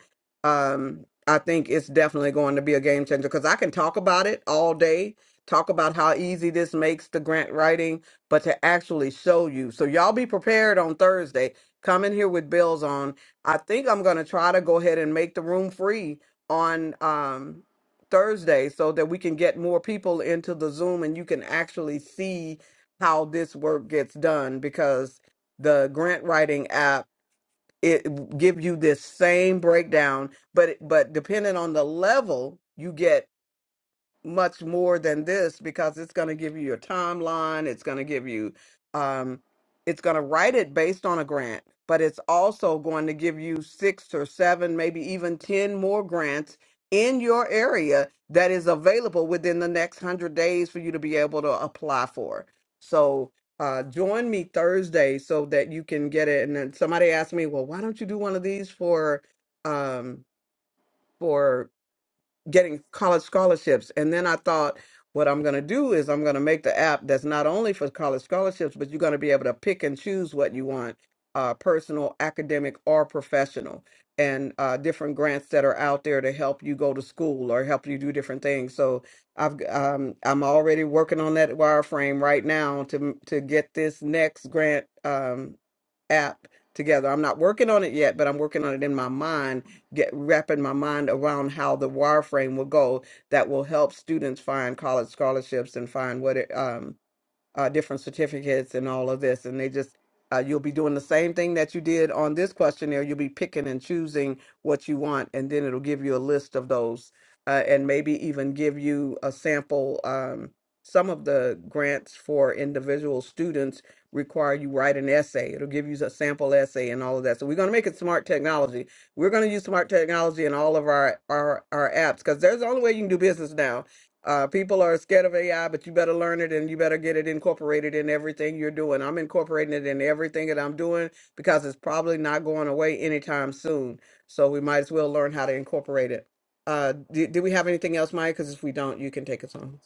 Speaker 2: um, I think it's definitely going to be a game changer. Because I can talk about it all day, talk about how easy this makes the grant writing, but to actually show you. So y'all be prepared on Thursday. Come in here with bills on. I think I'm gonna try to go ahead and make the room free on. Um, Thursday so that we can get more people into the Zoom and you can actually see how this work gets done because the grant writing app it give you this same breakdown but it- but depending on the level you get much more than this because it's going to give you your timeline. It's going to give you, um, it's going to write it based on a grant, but it's also going to give you six or seven, maybe even 10 more grants in your area that is available within the next 100 days for you to be able to apply for. So, uh, join me Thursday so that you can get it. And then somebody asked me, well, why don't you do one of these for, um, for?" getting college scholarships. And then I thought, what I'm going to do is I'm going to make the app that's not only for college scholarships, but you're going to be able to pick and choose what you want uh, personal, academic, or professional, and uh, different grants that are out there to help you go to school or help you do different things. So I've um, I'm already working on that wireframe right now to to get this next grant um, app together. I'm not working on it yet, but I'm working on it in my mind get wrapping my mind around how the wireframe will go that will help students find college scholarships and find what it, um, uh, different certificates and all of this. And they just, uh, you'll be doing the same thing that you did on this questionnaire. You'll be picking and choosing what you want, and then it'll give you a list of those uh, and maybe even give you a sample. Um, some of the grants for individual students require you write an essay. It'll give you a sample essay and all of that. So we're going to make it smart technology. We're going to use smart technology in all of our our, our apps because there's the only way you can do business now uh, people are scared of AI, but you better learn it and you better get it incorporated in everything you're doing. I'm incorporating it in everything that I'm doing because it's probably not going away anytime soon. So we might as well learn how to incorporate it. Uh, do, do we have anything else, Maya? Because if we don't, you can take us home.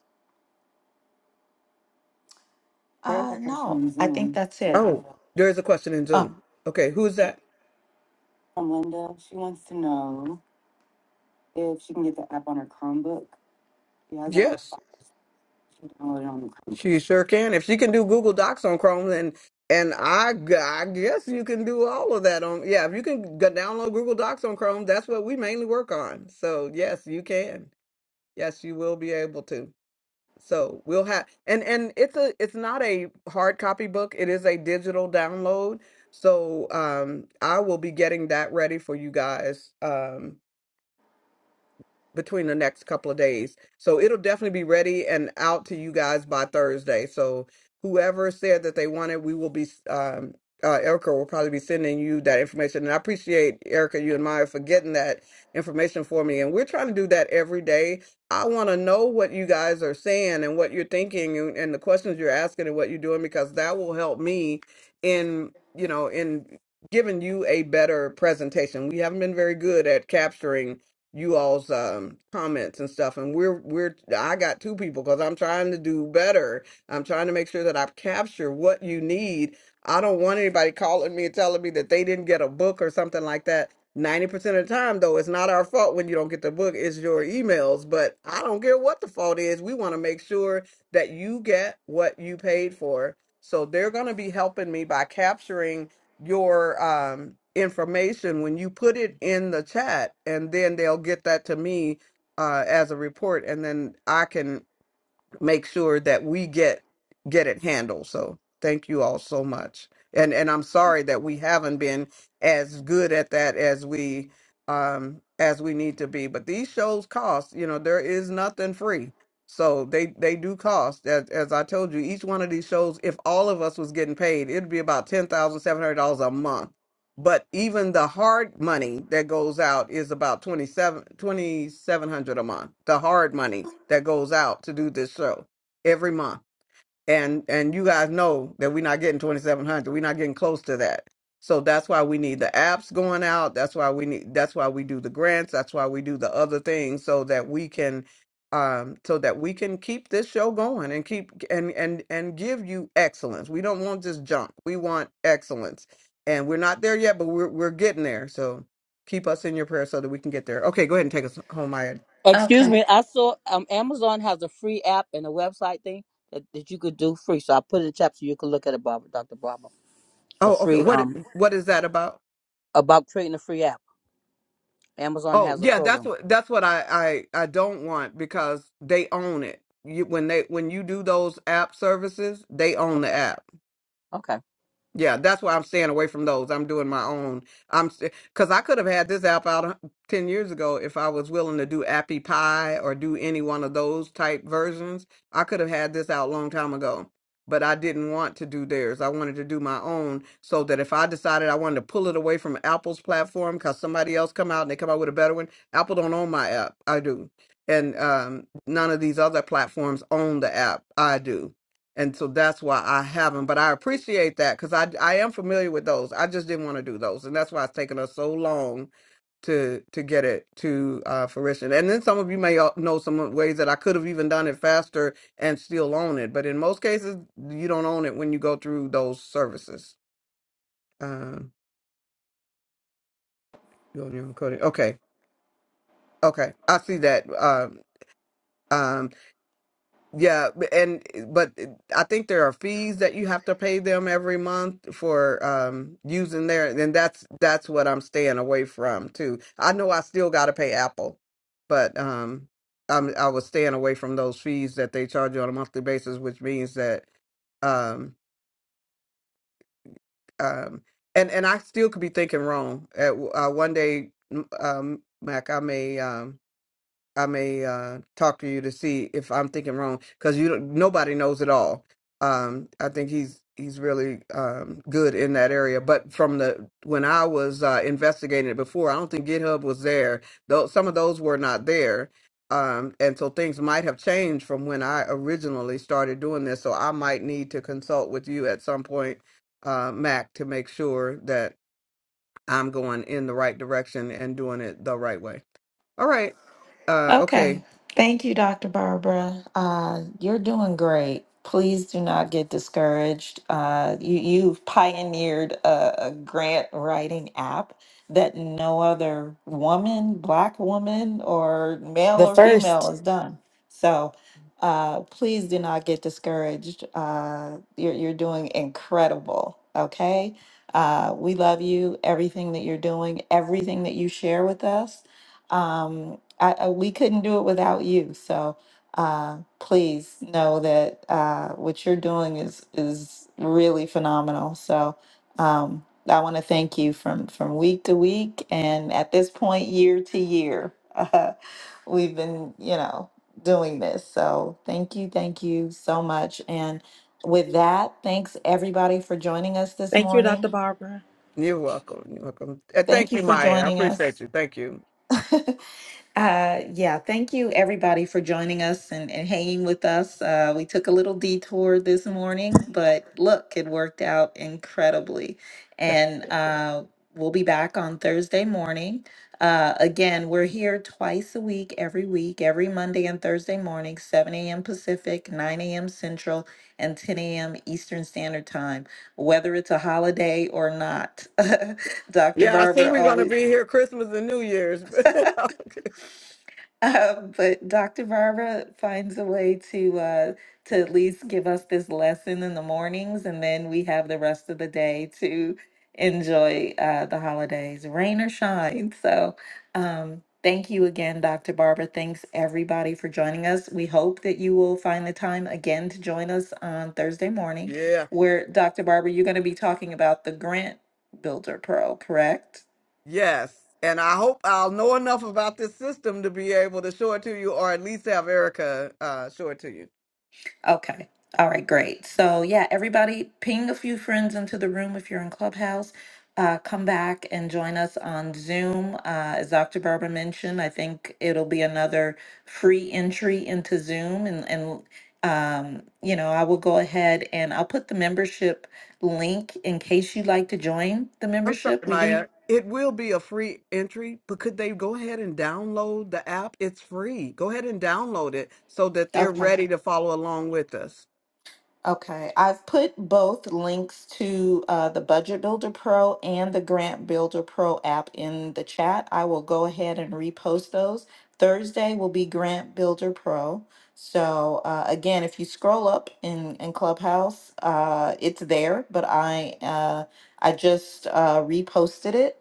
Speaker 2: There's
Speaker 1: Uh,
Speaker 2: a question
Speaker 1: no,
Speaker 2: in
Speaker 1: I think
Speaker 2: Zoom
Speaker 1: that's
Speaker 2: from
Speaker 1: it.
Speaker 2: Oh, Linda. there is a question in
Speaker 1: Oh,
Speaker 2: Zoom. Okay, who's that? From Linda, she wants to know if she can get the app on her Chromebook. She has an Yes. Download it on the Chrome. She sure can. If she can do Google Docs on Chrome, then and I, gu- I guess you can do all of that on. Yeah, if you can g- download Google Docs on Chrome, that's what we mainly work on. So yes, you can. Yes, you will be able to. So we'll have and and it's a it's not a hard copy book. It is a digital download. So um, I will be getting that ready for you guys. Um, between the next couple of days. So it'll definitely be ready and out to you guys by Thursday. So whoever said that they wanted, we will be um uh, Erica will probably be sending you that information. And I appreciate Erica, you and Maya for getting that information for me. And we're trying to do that every day. I want to know what you guys are saying and what you're thinking and, and the questions you're asking and what you're doing because that will help me in, you know, in giving you a better presentation. We haven't been very good at capturing you all's um, comments and stuff. And we're we're I got two people because I'm trying to do better. I'm trying to make sure that I capture what you need. I don't want anybody calling me and telling me that they didn't get a book or something like that. Ninety percent of the time, though, it's not our fault when you don't get the book. It's your emails. But I don't care what the fault is. We want to make sure that you get what you paid for. So they're going to be helping me by capturing your um information when you put it in the chat and then they'll get that to me uh as a report and then I can make sure that we get get it handled so thank you all so much and and i'm sorry that we haven't been as good at that as we um as we need to be but these shows cost you know there is nothing free so they they do cost as, as i told you each one of these shows if all of us was getting paid it'd be about $10700 a month but even the hard money that goes out is about 27, 2700 a month the hard money that goes out to do this show every month and and you guys know that we're not getting 2700 we're not getting close to that so that's why we need the apps going out that's why we need that's why we do the grants that's why we do the other things so that we can um so that we can keep this show going and keep and and and give you excellence we don't want just junk we want excellence and we're not there yet but we're we're getting there so keep us in your prayer so that we can get there okay go ahead and take us home Maya.
Speaker 4: Excuse
Speaker 1: okay.
Speaker 4: me. I saw um Amazon has a free app and a website thing that, that you could do free. So I put it in the chat so you can look at it, Barbara, Doctor Barbara. a
Speaker 2: oh okay
Speaker 4: free
Speaker 2: what
Speaker 4: um
Speaker 2: what is that about
Speaker 4: about creating a free app. Amazon
Speaker 2: Oh
Speaker 4: has a
Speaker 2: yeah, that's
Speaker 4: program.
Speaker 2: what that's what I I I don't want because they own it. You, when they when you do those app services, they own the app.
Speaker 4: Okay.
Speaker 2: Yeah, that's why I'm staying away from those. I'm doing my own. I'm because I could have had this app out a- ten years ago if I was willing to do Appy Pie or do any one of those type versions. I could have had this out a long time ago, but I didn't want to do theirs. I wanted to do my own so that if I decided I wanted to pull it away from Apple's platform because somebody else come out and they come out with a better one, Apple don't own my app. I do, and um, none of these other platforms own the app. I do and so that's why I haven't. But I appreciate that because I I am familiar with those. I just didn't want to do those, and that's why it's taken us so long to to get it to uh, fruition. And then some of you may al- know some ways that I could have even done it faster and still own it. But in most cases, you don't own it when you go through those services. Um, you own your own coding. Okay, okay, I see that. uh, Um, Yeah, b- and eh, but eh, I think there are fees that you have to pay them every month for um using their, and that's that's what I'm staying away from too. I know I still got to pay Apple, but um I'm I was staying away from those fees that they charge you on a monthly basis, which means that um um and and I still could be thinking wrong. At, uh, one day, m- um, Mac, I may um I may uh, talk to you to see if I'm thinking wrong because you don't- nobody knows it all. Um, I think he's he's really um, good in that area. But from the when I was uh, investigating it before, I don't think GitHub was there. Though some of those were not there, um, and so things might have changed from when I originally started doing this. So I might need to consult with you at some point, uh, Mac, to make sure that I'm going in the right direction and doing it the right way. All right. Uh, okay.
Speaker 1: Okay. Thank you, Dr. Barbara. Uh, you're doing great. Please do not get discouraged. Uh, you, you've pioneered a, a grant writing app that no other woman, black woman, or male
Speaker 3: The
Speaker 1: or
Speaker 3: first.
Speaker 1: female has done. So uh, please do not get discouraged. Uh, you're, you're doing incredible. Okay. Uh, we love you, everything that you're doing, everything that you share with us um, I, I, we couldn't do it without you. So uh, please know that uh, what you're doing is is really phenomenal. So um, I want to thank you from from week to week, and at this point, year to year, uh, we've been you know doing this. So thank you, thank you so much, and. With that, thanks everybody for joining us this
Speaker 6: Thank you, Dr.
Speaker 1: morning.
Speaker 6: Barbara.
Speaker 2: You're welcome. You're welcome. And thank
Speaker 1: Thank you
Speaker 2: you,
Speaker 1: for
Speaker 2: Maya. I
Speaker 1: joining us.
Speaker 2: appreciate you. Thank you.
Speaker 1: Uh, yeah, thank you everybody for joining us and, and hanging with us. Uh, we took a little detour this morning, but look, it worked out incredibly. And uh, we'll be back on Thursday morning. Uh, again, we're here twice a week, every week, every Monday and Thursday morning, 7 a.m. Pacific, 9 a.m. Central, and 10 a.m. Eastern Standard Time, whether it's a holiday or not. Dr.
Speaker 2: Yeah, I see
Speaker 1: Barber
Speaker 2: we're gonna
Speaker 1: always
Speaker 2: be here Christmas and New Year's.
Speaker 1: Um, but Dr. Barbara finds a way to uh, to at least give us this lesson in the mornings, and then we have the rest of the day to enjoy uh, the holidays, rain or shine. So, um, thank you again, Dr. Barbara. Thanks everybody for joining us. We hope that you will find the time again to join us on Thursday morning,
Speaker 2: yeah.
Speaker 1: where Dr. Barbara, you're going to be talking about the Grant Builder Pro, correct?
Speaker 2: Yes. And I hope I'll know enough about this system to be able to show it to you or at least have Erica uh show it to you.
Speaker 1: Okay. All right, great. So yeah, everybody ping a few friends into the room if you're in Clubhouse. Uh, come back and join us on Zoom. Uh, as Dr. Barber mentioned, I think it'll be another free entry into Zoom and, and um, you know, I will go ahead and I'll put the membership link in case you'd like to join the
Speaker 2: I'm sorry,
Speaker 1: membership. We
Speaker 2: Maya.
Speaker 1: do.
Speaker 2: It will be a free entry, but could they go ahead and download the app? It's free. Go ahead and download it so that they're
Speaker 1: Okay.
Speaker 2: ready to follow along with us.
Speaker 1: Okay, I've put both links to uh, the Budget Builder Pro and the Grant Builder Pro app in the chat. I will go ahead and repost those. Thursday will be Grant Builder Pro. So uh, again, if you scroll up in, in Clubhouse, uh, it's there, but I uh, I just uh, reposted it.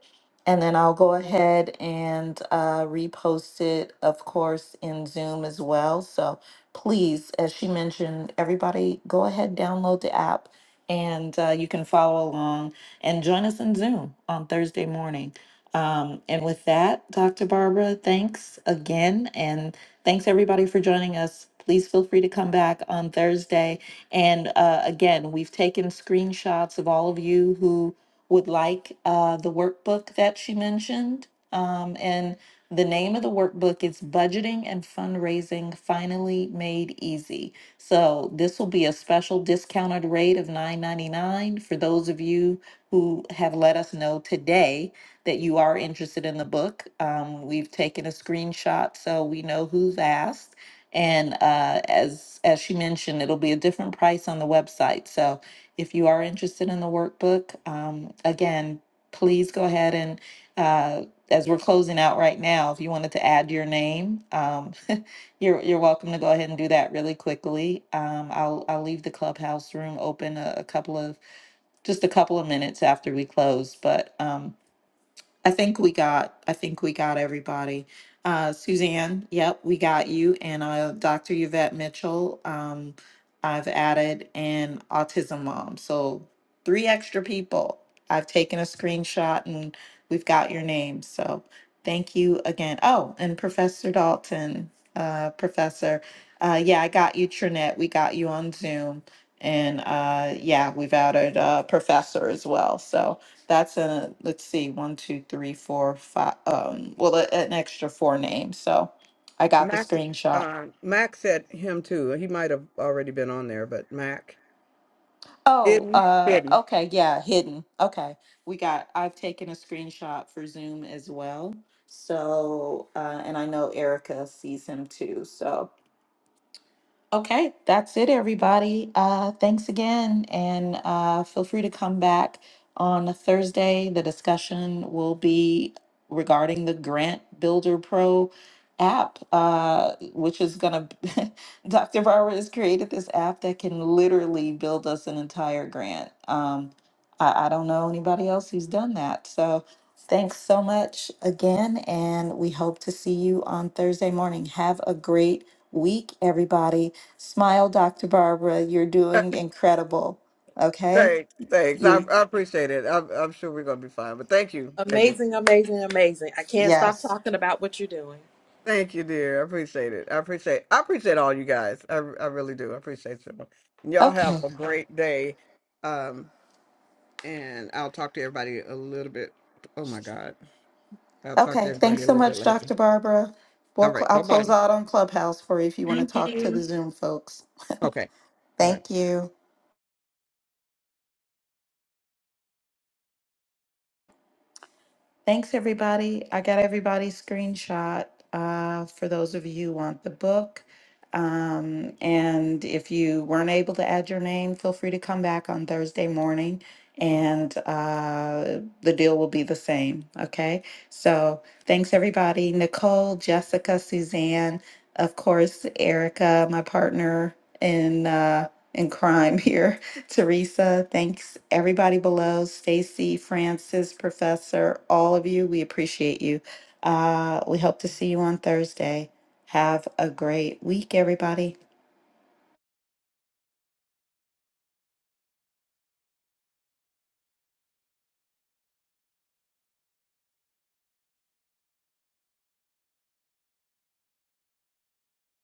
Speaker 1: And then I'll go ahead and uh, repost it, of course, in Zoom as well. So please, as she mentioned, everybody go ahead, download the app, and uh, you can follow along and join us in Zoom on Thursday morning. Um, and with that, Dr. Barbara, thanks again. And thanks everybody for joining us. Please feel free to come back on Thursday. And uh, again, we've taken screenshots of all of you who would like uh, the workbook that she mentioned. Um, and the name of the workbook is Budgeting and Fundraising Finally Made Easy. So this will be a special discounted rate of nine ninety nine for those of you who have let us know today that you are interested in the book. Um, we've taken a screenshot so we know who's asked. And uh, as as she mentioned, it'll be a different price on the website. So if you are interested in the workbook, um, again, please go ahead and uh, as we're closing out right now, if you wanted to add your name, um, you're you're welcome to go ahead and do that really quickly. Um, I'll I'll leave the clubhouse room open a, a couple of just a couple of minutes after we close, but. Um, I think we got, I think we got everybody. Uh, Suzanne, yep, we got you. And uh, Dr. Yvette Mitchell, um, I've added an autism mom. So three extra people. I've taken a screenshot and we've got your name. So thank you again. Oh, and Professor Dalton, uh, Professor, uh, yeah, I got you, Trinette. We got you on Zoom. And uh, yeah, we've added uh, Professor as well. So that's a, let's see, one, two, three, four, five, um, well, a- an extra four names. So I got the
Speaker 2: Mac,
Speaker 1: screenshot.
Speaker 2: uh, Mac said him too. He might have already been on there, but Mac
Speaker 1: Oh,
Speaker 2: hidden,
Speaker 1: uh,
Speaker 2: hidden.
Speaker 1: okay, yeah, hidden. Okay. We got, I've taken a screenshot for Zoom as well. So, uh, and I know Erica sees him too. So Okay, that's it, everybody. Uh, thanks again, and uh, feel free to come back on a Thursday. The discussion will be regarding the Grant Builder Pro app, uh, which is going to, Dr. Barber has created this app that can literally build us an entire grant. Um, I, I don't know anybody else who's done that. So, Thanks so much again, and we hope to see you on Thursday morning. Have a great week, everybody. Smile, Dr. Barbara. You're doing incredible. Okay?
Speaker 2: Thanks, thanks. I,
Speaker 1: You're,
Speaker 2: I appreciate it. I'm, I'm sure we're gonna be fine. But thank you, thank you.
Speaker 6: Amazing, amazing, amazing. I can't stop
Speaker 1: yes.
Speaker 6: talking about what you're doing.
Speaker 2: Thank you, dear. I appreciate it. I appreciate I appreciate all you guys. I I really do. I appreciate you. And Y'all have
Speaker 1: Okay.
Speaker 2: a great day. Um, and I'll talk to everybody a little bit. Oh my God. I'll talk to
Speaker 1: Okay.
Speaker 2: everybody
Speaker 1: Thanks
Speaker 2: a
Speaker 1: so
Speaker 2: little bit
Speaker 1: much,
Speaker 2: later.
Speaker 1: Dr. Barbara.
Speaker 2: All
Speaker 1: We'll cl-
Speaker 2: right.
Speaker 1: I'll
Speaker 2: Bye
Speaker 1: close
Speaker 2: bye.
Speaker 1: out on Clubhouse for you if you want to
Speaker 2: Thank
Speaker 1: talk to the
Speaker 2: you.
Speaker 1: Zoom folks.
Speaker 2: Okay. All right.
Speaker 1: Thank you. Thanks, everybody. I got everybody's screenshot uh, for those of you who want the book. Um, and if you weren't able to add your name, feel free to come back on Thursday morning and uh, the deal will be the same. Okay. So thanks, everybody. Nicole, Jessica, Suzanne, of course, Erica, my partner in. Uh, in crime here. Teresa, thanks everybody below, Stacy, Francis, Professor, all of you. We appreciate you. Uh, we hope to see you on Thursday. Have a great week, everybody.